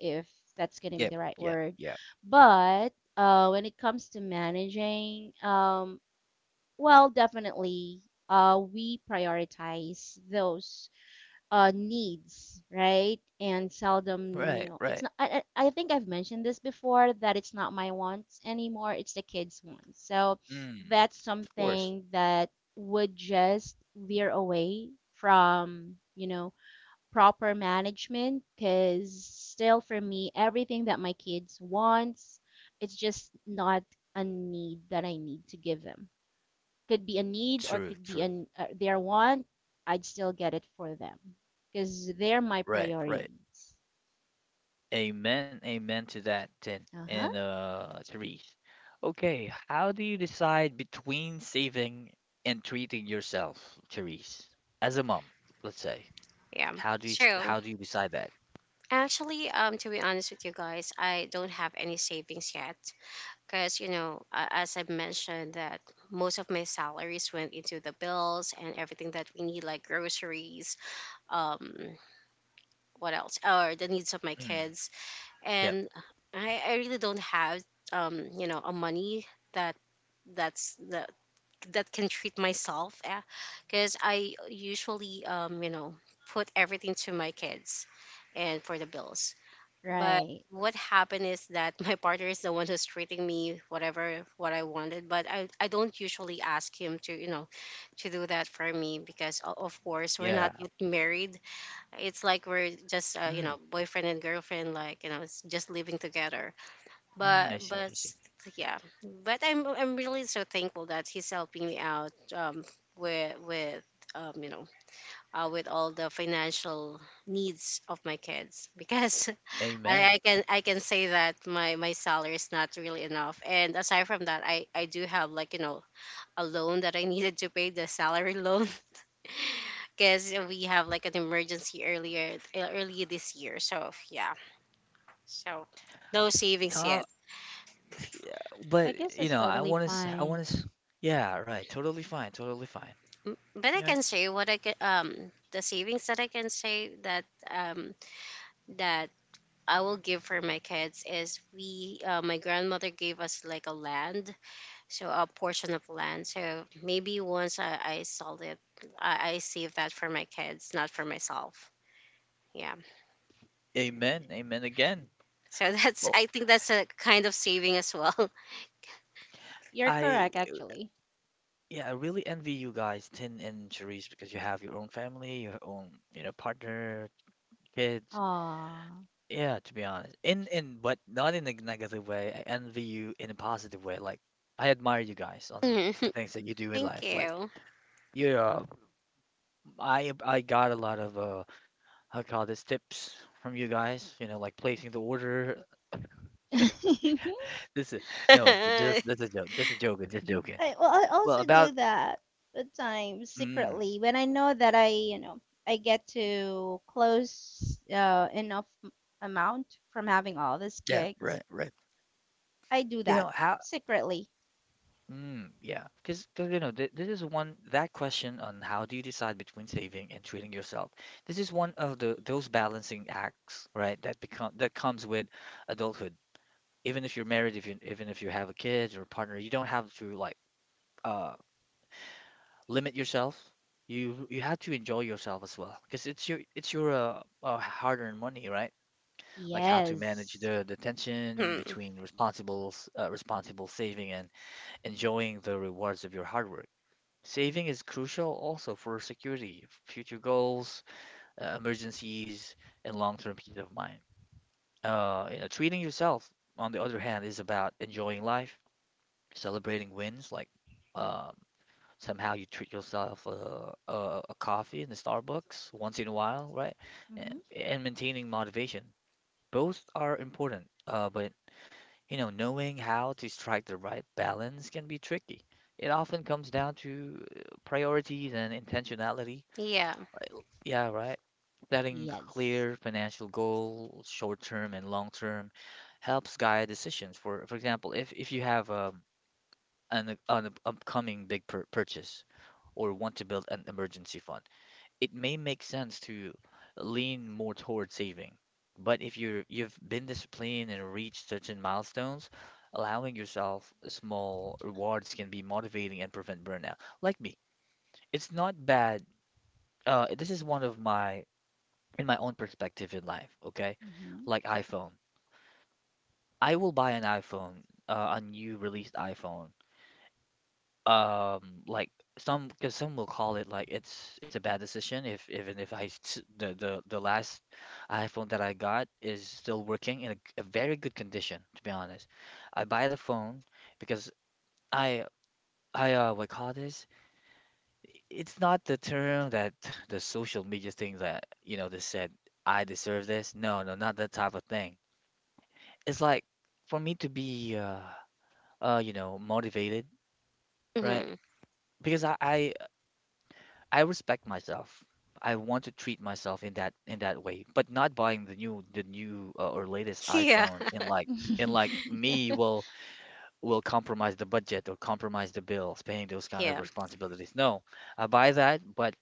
S1: if that's going to be
S2: Yep.
S1: the right
S2: Yep.
S1: word.
S2: Yep.
S1: But when it comes to managing well definitely we prioritize those needs, right? And seldom, you
S2: Right.
S1: know, it's
S2: Right.
S1: not. I think I've mentioned this before that it's not my wants anymore; it's the kids' wants. So
S2: Mm,
S1: that's
S2: of course.
S1: something that would just veer away from, you know, proper management. Because still, for me, everything that my kids wants, it's just not a need that I need to give them, could be a need or
S2: True.
S1: could be
S2: True.
S1: an their want, I'd still get it for them because they're my
S2: Right. Right.
S1: priorities.
S2: Amen, amen to that, Tin
S1: Uh huh.
S2: and, Therese. Okay, how do you decide between saving and treating yourself, Therese? As a mom, let's say,
S3: yeah, true.
S2: how do you decide that?
S3: Actually, to be honest with you guys, I don't have any savings yet because as I mentioned, that most of my salaries went into the bills and everything that we need, like groceries, um, what else, or the needs of my
S2: Mm,
S3: kids,
S2: yep,
S3: and I really don't have, a money that that's the that can treat myself, because I usually, put everything to my kids, and for the bills but
S1: Right.
S3: what happened is that my partner is the one who's treating me whatever what I wanted. But I don't usually ask him to, you know, to do that for me because of course we're not
S2: yeah.
S3: yet married. It's like we're just you
S2: Mm,
S3: know, boyfriend and girlfriend, like, you know, it's just living together.
S2: mm,
S3: But
S2: I see,
S3: but
S2: I see.
S3: s- yeah. But I'm really so thankful that he's helping me out with you know, with all the financial needs of my kids because I,
S2: Amen.
S3: I can I can say that my salary is not really enough. And aside from that, I do have like you know a loan that I needed to pay the salary loan because we have like an emergency earlier this year. So yeah, so no savings
S2: Ta-
S3: yet.
S1: I guess
S2: but you
S1: that's
S2: know,
S1: totally
S2: I
S1: fine.
S2: want to, yeah, right, totally fine, totally fine.
S3: But I
S2: Yeah.
S3: can say what I can the savings that I can say that that I will give for my kids is we my grandmother gave us like a land so a portion of land. So maybe once I sold it, I save that for my kids, not for myself. Yeah.
S2: Amen, amen again.
S3: So that's
S2: Well,
S3: I think that's a kind of saving as well.
S1: You're
S2: I
S1: correct, actually.
S2: Yeah, I really envy you guys, Tin and Cherise, because you have your own family, your own, you know, partner, kids.
S1: Aw.
S2: Yeah, to be honest. In but not in a negative way. I envy you in a positive way. Like I admire you guys on the
S3: Mhm.
S2: things that you do in
S3: Thank
S2: life. Like
S3: you.
S2: yeah, I got a lot of how call this tips from you guys, you know, like placing the order.
S1: I
S2: This is no, just that's a joke. Just a joke, just joking.
S1: well, I
S2: Well,
S1: also
S2: about
S1: do that at times
S2: mm,
S1: secretly when I know that I, you know, I get to close enough amount from having all these
S2: yeah,
S1: gigs.
S2: right, right.
S1: I do
S2: You know
S1: that
S2: how
S1: secretly.
S2: Mm, yeah, because you know th this is one that question on how do you decide between saving and treating yourself. This is one of the those balancing acts, right? That comes with adulthood. Even if you're married, if you even if you have a kid or a partner, you don't have to like uh limit yourself. You have to enjoy yourself as well, because it's your hard-earned money, right? Like how to manage
S1: Yes.
S2: the tension
S3: Mm.
S2: between responsible saving and enjoying the rewards of your hard work. Saving is crucial also for security, future goals, emergencies, and long-term peace of mind. You know, treating yourself, on the other hand, is about enjoying life, celebrating wins, like um, somehow you treat yourself a coffee in the Starbucks once in a while, right? And,
S1: Hmm.
S2: and maintaining motivation. Both are important, but you know, knowing how to strike the right balance can be tricky. It often comes down to priorities and intentionality.
S3: Yeah.
S2: Yeah, right. Setting
S1: Yes.
S2: clear financial goals, short term and long term, helps guide decisions. For example, if you have upcoming big purchase or want to build an emergency fund, it may make sense to lean more toward saving. But if you're you've been disciplined and reached certain milestones, allowing yourself small rewards can be motivating and prevent burnout. Like me, it's not bad. This is one of my, in my own perspective in life, okay?
S1: Hmm.
S2: Like iPhone. I will buy an iPhone, a new released iPhone. Um, like some, because some will call it like it's a bad decision if even if the last iPhone that I got is still working in a very good condition, to be honest. I buy the phone because I I what call this? It's not the term that the social media thing that you know they said I deserve this. No, no, not that type of thing. It's like for me to be you know motivated, right?
S3: Hmm.
S2: Because I respect myself. I want to treat myself in that way, but not buying the new, or latest
S3: Yeah.
S2: iPhone, and like me will compromise the budget or compromise the bills, paying those kind of
S3: Yeah.
S2: responsibilities. No, I buy that, but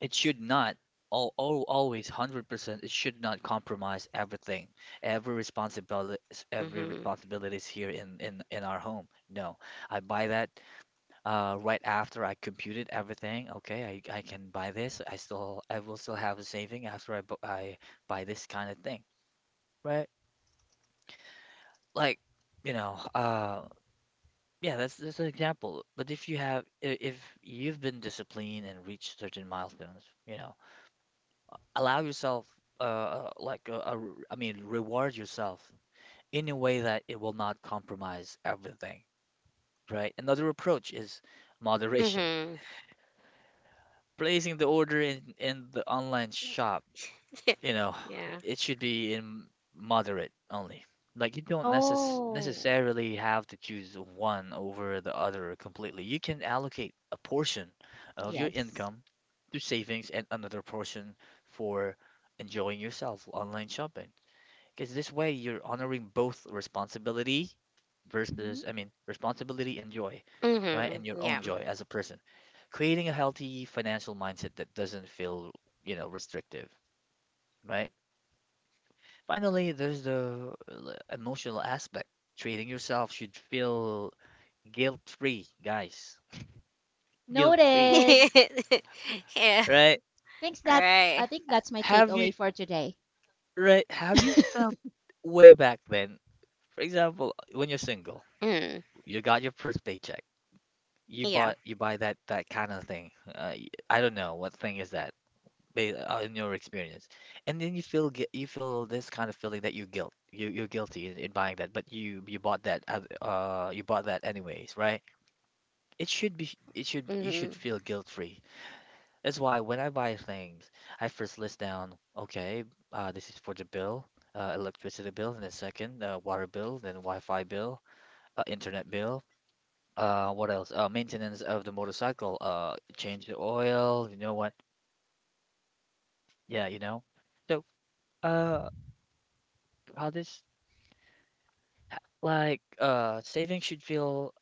S2: it should not all, all always 100% it should not compromise everything, every responsibility,
S3: Hmm.
S2: every
S3: Hmm.
S2: responsibilities here in our home. No, I buy that right after I computed everything. Okay, I can buy this. I still, I will still have a saving after I buy this kind of thing, right? Like, you know, yeah, that's an example. But if you have if you've been disciplined and reached certain milestones, you know, allow yourself I mean reward yourself in a way that it will not compromise everything, right? Another approach is moderation. Placing the order in the online shop, you know,
S3: Yeah.
S2: it should be in moderate only. Like you don't
S1: Oh,
S2: necessarily have to choose one over the other completely. You can allocate a portion of your
S1: yes.
S2: income to savings and another portion for enjoying yourself online shopping. Because this way you're honoring both
S1: Hmm.
S2: I mean, responsibility and joy, right?
S3: Hmm.
S2: And your
S3: Yeah.
S2: own joy as a person. Creating a healthy financial mindset that doesn't feel, you know, restrictive, right? Finally, there's the emotional aspect. Treating yourself should feel guilt-free, guys. Guilt-free,
S1: Noted.
S3: yeah.
S2: right?
S1: Thanks. That's. I
S3: Right.
S1: think that's my
S2: Have
S1: takeaway
S2: you,
S1: for today.
S2: right? Have you felt way back then? For example, when you're single,
S3: Mm.
S2: you got your first paycheck.
S3: Yeah.
S2: You buy that that kind of thing. I don't know what thing is that, in your experience, and then you feel this kind of feeling that you're guilty in buying that, but you bought that, you bought that anyways, right? It should be, it should you should
S3: Hmm.
S2: feel guilt free. That's why when I buy things, I first list down okay, this is for the bill, electricity bill, and then second, water bill, then Wi-Fi bill, internet bill. What else? Maintenance of the motorcycle. Change the oil. You know what? Yeah, you know. So, uh, how this, like uh, saving should feel,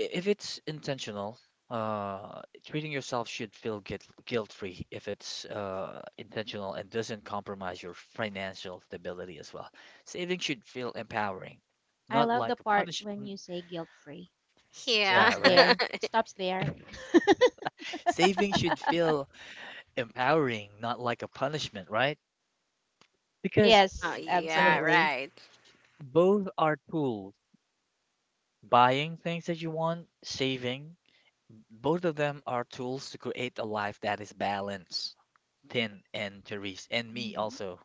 S2: if it's intentional. Treating yourself should feel guilt-free if it's intentional and doesn't compromise your financial stability as well. Saving should feel empowering,
S1: I
S2: not
S1: love the
S2: like a
S1: part when
S2: punishment.
S1: you say guilt-free. It
S3: Yeah.
S2: Yeah,
S1: stops
S2: right.
S1: there. It stops there.
S2: Saving should feel empowering, not like a punishment, right? Because
S3: Oh,
S1: Yes.
S2: I
S3: yeah.
S2: mean,
S1: Absolutely.
S3: Right.
S2: both are tools. Buying things that you want, saving, both of them are tools to create a life that is balanced. Thin and Therese and me
S1: Hmm.
S2: also.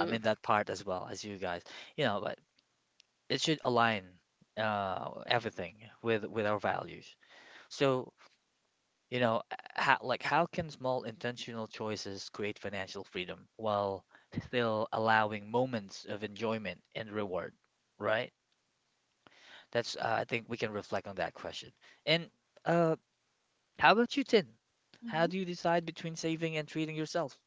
S2: I'm in that part as well as you guys. You know, but it should align everything with our values. So, you know, how, like how can small intentional choices create financial freedom while still allowing moments of enjoyment and reward, right? That's I think we can reflect on that question. And uh, how about you, Tin? How
S1: Hmm.
S2: do you decide between saving and treating yourself?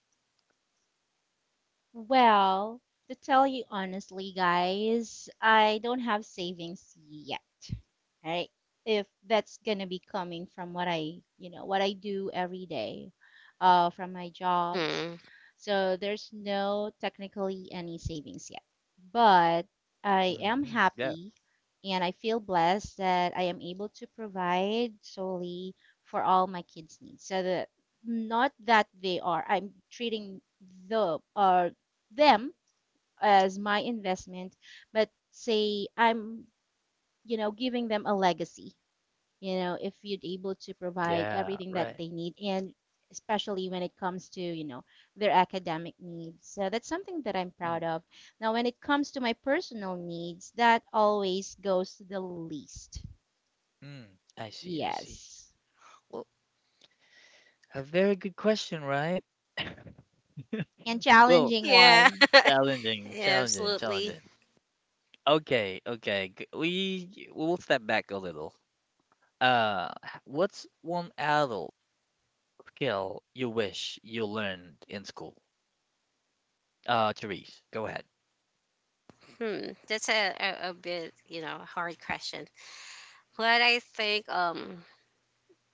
S1: Well, to tell you honestly, guys, I don't have savings yet, right? If that's gonna be coming from what I, you know, what I do every day, from my jobs.
S3: Mm.
S1: So there's no technically any savings yet, but I am
S2: Hmm. Yeah.
S1: happy and I feel blessed that I am able to provide solely for all my kids' needs. So that not that they are, I'm treating the or them as my investment, but say I'm giving them a legacy, if you'd able to provide
S2: Yeah,
S1: everything that
S2: right.
S1: they need. And especially when it comes to, their academic needs. So that's something that I'm proud
S2: Mm,
S1: of. Now, when it comes to my personal needs, that always goes to the least.
S2: mm, I see, I see.
S1: Yes.
S2: Well, a very good question, right?
S1: And
S2: Well,
S1: challenging
S3: Yeah.
S1: one.
S2: challenging, challenging,
S3: Absolutely.
S2: challenging. Okay, okay. We we'll step back a little. What's one adult skill you wish you learned in school? Therese, go ahead.
S3: Hmm. That's a bit, you know, hard question. But I think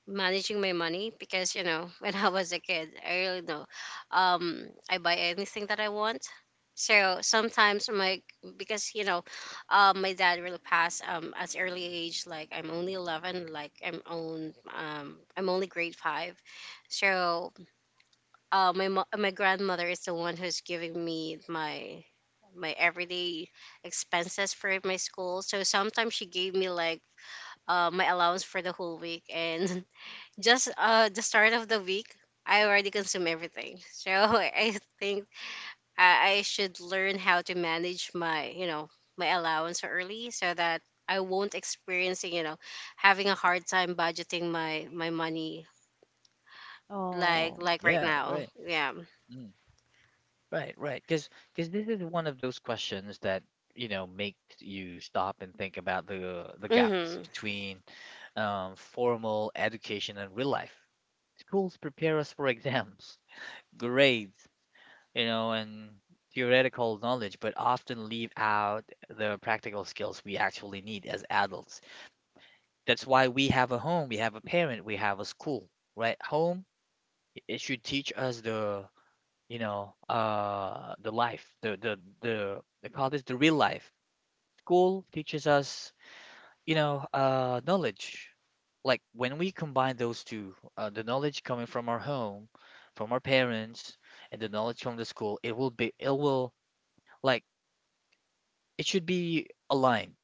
S3: managing my money because, you know, when I was a kid, I really know I buy anything that I want. So sometimes my because you know, my dad really passed at early age like I'm only 11 like I'm only grade 5, so my grandmother is the one who's giving me my everyday expenses for my school. So sometimes she gave me like my allowance for the whole week, and just the start of the week, I already consume everything. So I think I should learn how to manage my you know my allowance early so that I won't experience you know having a hard time budgeting my money
S1: Oh,
S3: like right
S2: Yeah.
S3: now.
S2: Right.
S3: Yeah.
S2: Right, right. Because this is one of those questions that you know makes you stop and think about the gaps
S3: Mhm.
S2: between formal education and real life. Schools prepare us for exams, grades, you know, and theoretical knowledge, but often leave out the practical skills we actually need as adults. That's why we have a home, we have a parent, we have a school, right? Home, it should teach us the, you know, the life, the, they call this the real life. School teaches us, you know, knowledge. Like when we combine those two, the knowledge coming from our home, from our parents, and the knowledge from the school, it will be, it will, like it should be aligned.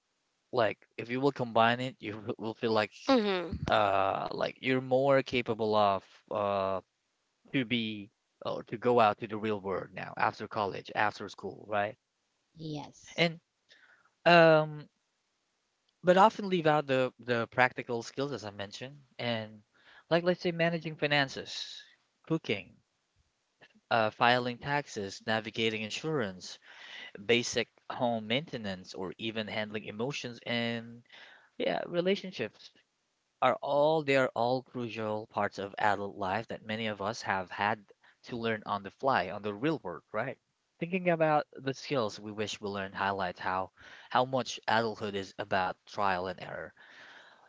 S2: Like if you will combine it, you will feel
S3: Mhm.
S2: like you're more capable of uh to be or to go out to the real world now after college, after school, right?
S1: yes.
S2: And um, but often leave out the practical skills as I mentioned, and like let's say managing finances, cooking, filing taxes, navigating insurance, basic home maintenance, or even handling emotions and yeah, relationships are all, they are all crucial parts of adult life that many of us have had to learn on the fly, on the real world, right? Thinking about the skills we wish we learned highlights how much adulthood is about trial and error,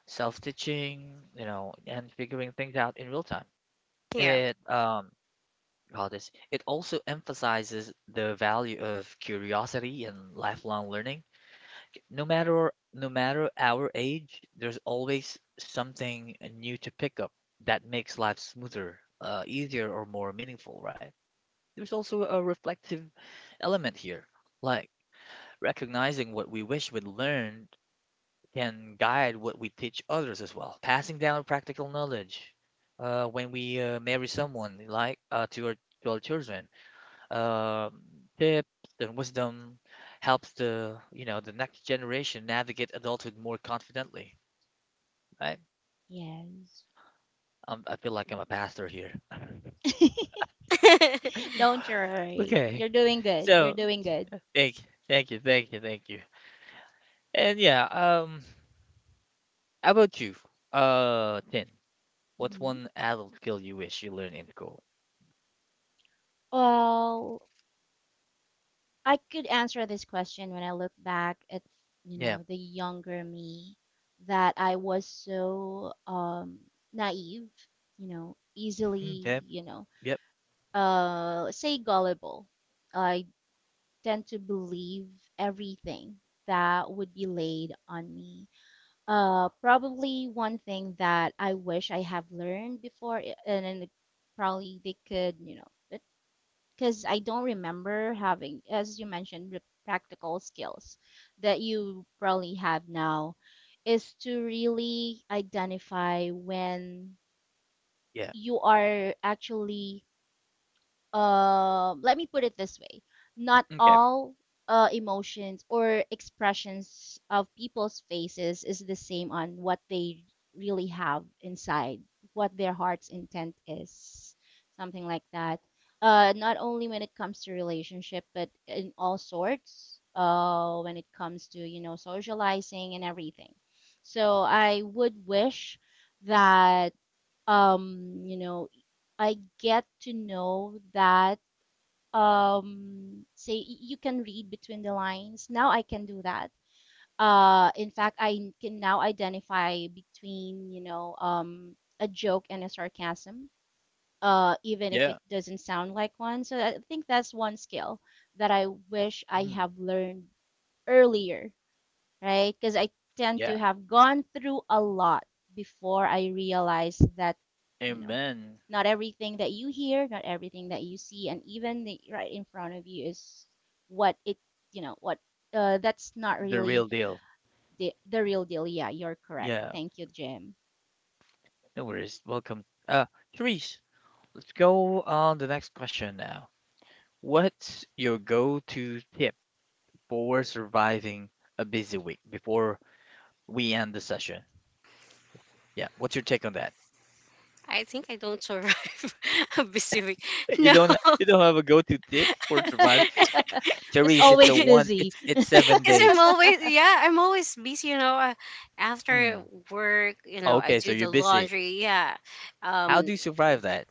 S2: self-teaching, you know, and figuring things out in real time.
S3: Yeah.
S2: It call this, it also emphasizes the value of curiosity and lifelong learning. No matter our age, there's always something new to pick up that makes life smoother, easier or more meaningful, right? There's also a reflective element here, like recognizing what we wish we'd learned can guide what we teach others as well, passing down practical knowledge when we marry someone, like to our, to our children. Um, tips and wisdom helps the, you know, the next generation navigate adulthood more confidently. Right?
S1: Yes.
S2: I feel like I'm a pastor here.
S1: Don't worry.
S2: Okay,
S1: You're doing good. You're
S2: so
S1: doing good.
S2: thank you, thank you, thank you, thank you. And yeah, how about you, Tin, what's
S1: Hmm.
S2: one adult skill you wish you learned in school?
S1: Well, I could answer this question when I look back at,
S2: Yeah.
S1: the younger me, that I was so naive, easily,
S2: Okay. Yep.
S1: say gullible. I tend to believe everything that would be laid on me. Probably one thing that I wish I have learned before probably they could, you know, but because I don't remember having, as you mentioned, the practical skills that you probably have now, is to really identify when
S2: Yeah.
S1: you are actually, let me put it this way, not
S2: Okay.
S1: all emotions or expressions of people's faces is the same on what they really have inside, what their heart's intent is, something like that. Not only when it comes to relationship, but in all sorts, when it comes to, socializing and everything. So I would wish that, um you know I get to know that, say you can read between the lines. Now I can do that. In fact, I can now identify between, a joke and a sarcasm, even if it
S2: Yeah.
S1: doesn't sound like one. So I think that's one skill that I wish I
S2: Mm.
S1: have learned earlier, right? Because I tend to
S2: Yeah.
S1: have gone through a lot before I realize that, you know,
S2: Amen.
S1: not everything that you hear, not everything that you see, and even the, right in front of you is what it, what that's not
S2: The
S1: really
S2: real deal.
S1: the real deal. Yeah, you're correct.
S2: Yeah.
S1: Thank you, Jim.
S2: No worries. Welcome. Therese, let's go on the next question now. What's your go-to tip for surviving a busy week before we end the session? Yeah. What's your take on that?
S3: I think I don't survive a busy week. No.
S2: You don't have a go-to tip for survive,
S1: Just
S2: Therese. It's a
S1: always
S2: one.
S1: busy.
S2: It's seven
S3: Because I'm
S2: days.
S3: always, yeah, I'm always busy, you know.
S2: Hmm.
S3: After work, you know, I
S2: Okay, so
S3: do
S2: you're
S3: the
S2: busy.
S3: laundry. Yeah.
S2: How do
S3: Um,
S2: you survive that,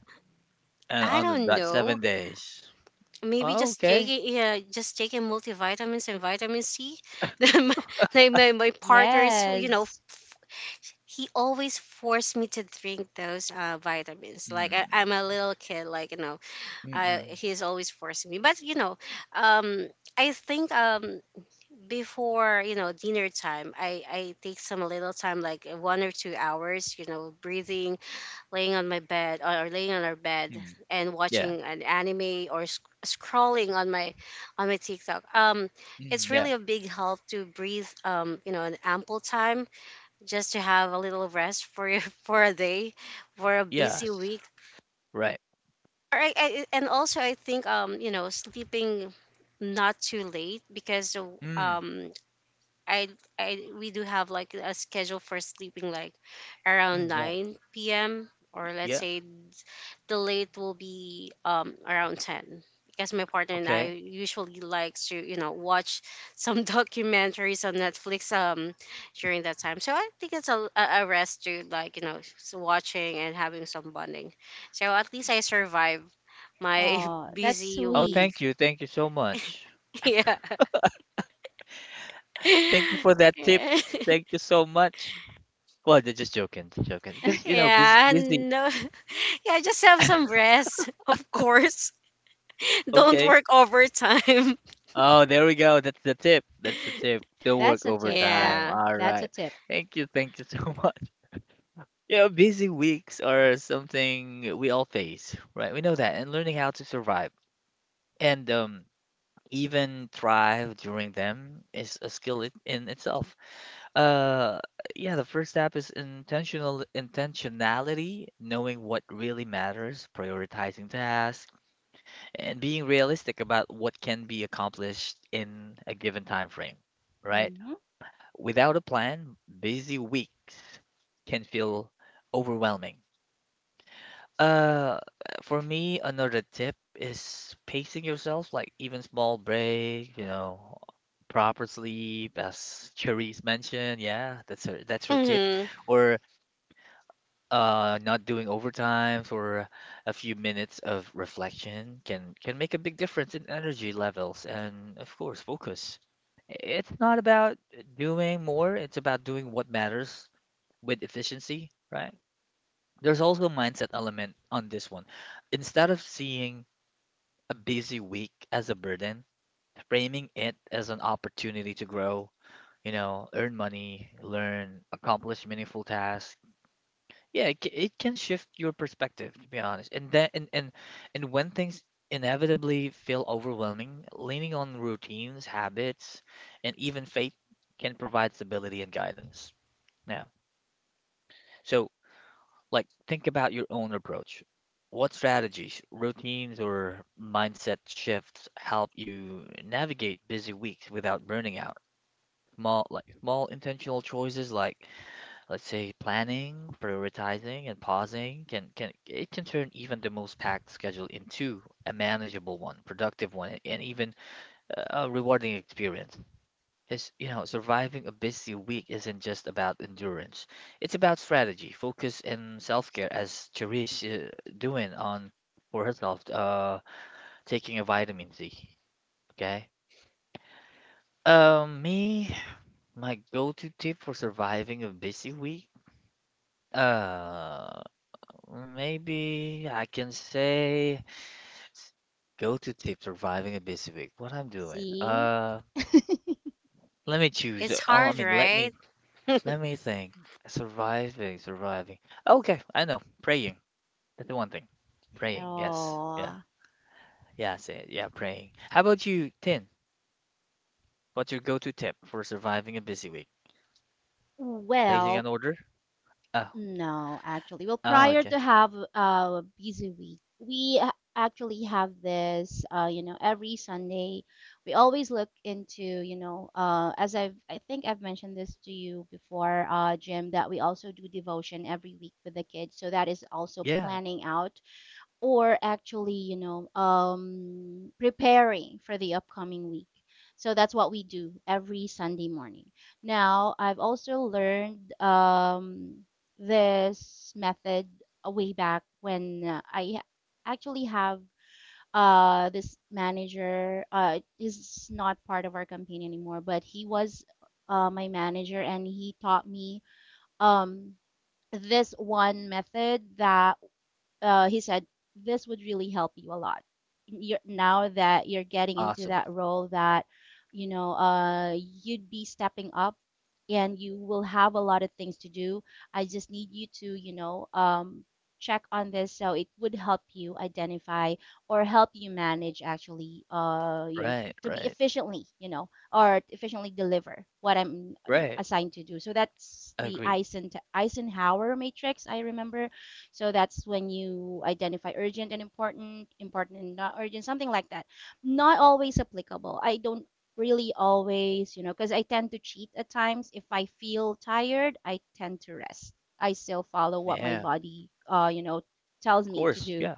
S3: I
S2: on
S3: don't
S2: that seven
S3: know.
S2: days?
S3: Maybe
S2: Oh,
S3: just
S2: okay.
S3: taking, yeah, just taking multivitamins and vitamin C. Then my- like my partner is, you know,
S1: Yes.
S3: he always forced me to drink those vitamins. Like I,
S2: Mm,
S3: I'm a little kid, like, you know,
S2: mm-mm, mm.
S3: he's always forcing me. But you know, um, I think before you know dinner time, I take some little time, like 1 or 2 hours, you know, breathing, laying on my bed or laying on our bed
S2: Mm.
S3: and
S2: Yeah.
S3: watching an anime or scrolling on my TikTok. It's
S2: Mm, yeah.
S3: really a big help to breathe. You know, an ample time just to have a little rest for your for a day, for a busy
S2: Yes.
S3: week
S2: Right.
S3: and also I think you know sleeping not too late because
S2: Mm,
S3: um I I we do have like a schedule for sleeping like around
S2: mm, yeah.
S3: 9 p.m. or let's
S2: Yeah.
S3: say the late will be around 10 because my partner and I
S2: Okay.
S3: usually likes to you know watch some documentaries on Netflix during that time. So I think it's a rest to like you know watching and having some bonding. So at least I survive my
S1: Oh, that's
S3: busy
S2: Oh,
S3: week.
S1: sweet.
S2: thank you. Thank you so much.
S3: yeah.
S2: Thank you for that tip. Thank you so much. Well, they're just joking, just joking. Because you know, busy,
S3: Yeah,
S2: busy.
S3: no. Yeah, just have some rest, of course. Don't
S2: Okay.
S3: work overtime.
S2: Oh, there we go. That's the tip. That's the tip. Don't
S1: That's
S2: work
S1: a tip. Yeah,
S2: overtime.
S3: Yeah.
S2: All
S1: that's a
S2: right.
S1: tip.
S2: Thank you. Thank you so much. You know, busy weeks are something we all face, right? We know that, and learning how to survive. And even thrive during them is a skill in itself. Uh, yeah, the first step is intentionality, knowing what really matters, prioritizing tasks, and being realistic about what can be accomplished in a given time frame, right?
S1: Hmm.
S2: Without a plan, busy weeks can feel overwhelming. Uh, for me, another tip is pacing yourself, like even small break, proper sleep, as Cherise mentioned. Yeah, that's her tip.
S3: Mm-hmm.
S2: Or not doing overtimes or a few minutes of reflection can make a big difference in energy levels and of course focus. It's not about doing more, it's about doing what matters with efficiency, right? There's also a mindset element on this one. Instead of seeing a busy week as a burden, framing it as an opportunity to grow, earn money, learn, accomplish meaningful tasks. Yeah, it can shift your perspective, to be honest. And then and when things inevitably feel overwhelming, leaning on routines, habits, and even faith can provide stability and guidance. Now, so, like, think about your own approach. What strategies, routines, or mindset shifts help you navigate busy weeks without burning out? Small, like small intentional choices, like let's say planning, prioritizing, and pausing, can it can turn even the most packed schedule into a manageable one, productive one, and even a rewarding experience is, surviving a busy week isn't just about endurance. It's about strategy, focus, and self-care, as Cherise is doing on for herself, taking a vitamin C. Okay. Me, my go-to tip for surviving a busy week, uh, maybe I can say go-to tip surviving a busy week. What I'm doing,
S1: See?
S2: let me choose.
S3: It's
S2: I
S3: hard,
S2: mean, let me
S3: right?
S2: let me think. Surviving, surviving. Okay, I know. Praying. That's the one thing. Praying. Yes. Yeah.
S1: Oh,
S2: Yeah. Say it. Yeah. Praying. How about you, Tin? What's your go-to tip for surviving a busy week? Placing an
S1: well,
S2: order? Oh.
S1: no, actually. Well,
S2: Oh.
S1: prior
S2: Okay.
S1: to have a busy week, we actually have this, every Sunday. We always look into, as I think I've mentioned this to you before, Jim, that we also do devotion every week with the kids. So that is also
S2: Yeah.
S1: planning out, or actually, preparing for the upcoming week. So that's what we do every Sunday morning. Now, I've also learned this method way back when I actually have, this manager. Is not part of our campaign anymore, but he was, my manager, and he taught me, um, this one method, that he said this would really help you a lot. You're, now that you're getting into
S2: Awesome.
S1: that role that, you know uh, you'd be stepping up, and you will have a lot of things to do. I just need you to, check on this, so it would help you identify or help you manage actually, your,
S2: Right.
S1: to be
S2: Right.
S1: efficiently, or efficiently deliver what I'm,
S2: Right.
S1: assigned to do. So that's the
S2: Agree.
S1: Eisenhower matrix, I remember. So that's when you identify urgent and important, important and not urgent, something like that. Not always applicable. I don't really always, you know, because I tend to cheat at times. If I feel tired, I tend to rest. I still follow what my
S2: Yeah. Of
S1: body, tells me to
S2: course.
S1: do.
S2: Yeah.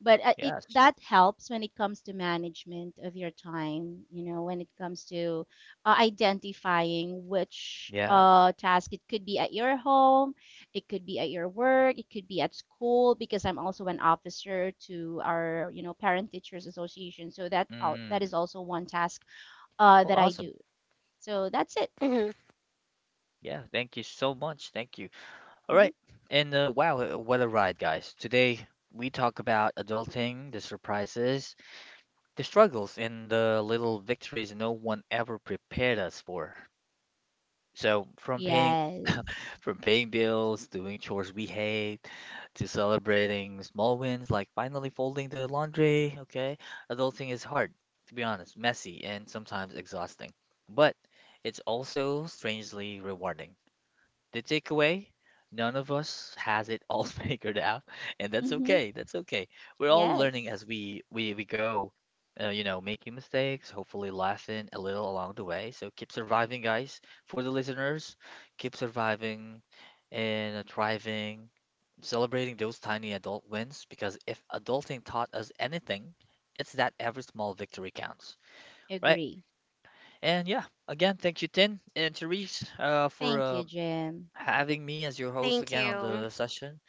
S1: But it
S2: Yes.
S1: that helps when it comes to management of your time, when it comes to, identifying which
S2: Yeah.
S1: task, it could be at your home, it could be at your work, it could be at school, because I'm also an officer to our, parent teachers association. So that that is
S2: Mm.
S1: also one task
S2: Oh,
S1: that I
S2: awesome.
S1: do. So that's it.
S3: Mm-hmm.
S2: Yeah. Thank you so much. Thank you. All
S1: Hmm.
S2: right. And wow, what a ride, guys. Today we talk about adulting, the surprises, the struggles, and the little victories no one ever prepared us for. So, from paying
S1: Yes.
S2: from paying bills, doing chores we hate, to celebrating small wins like finally folding the laundry, okay? Adulting is hard, to be honest, messy, and sometimes exhausting. But it's also strangely rewarding. The takeaway, none of us has it all figured out, and that's
S1: Hmm.
S2: okay. That's okay. We're all learning as
S1: Yes.
S2: we go. Making mistakes, hopefully laughing a little along the way. So keep surviving, guys. For the listeners, keep surviving and thriving, celebrating those tiny adult wins because if adulting taught us anything, it's that every small victory counts, right?
S1: Agree.
S2: And yeah, again, thank you, Tin and Therese, for
S1: Thank you, Jim.
S2: having me as your
S3: Thank
S2: host again on
S3: you.
S2: the session.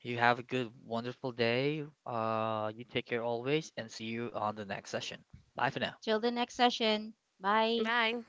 S2: You have a good, wonderful day. You take care always, and see you on the next session. Bye for now.
S1: Till the next session. Bye.
S3: Bye.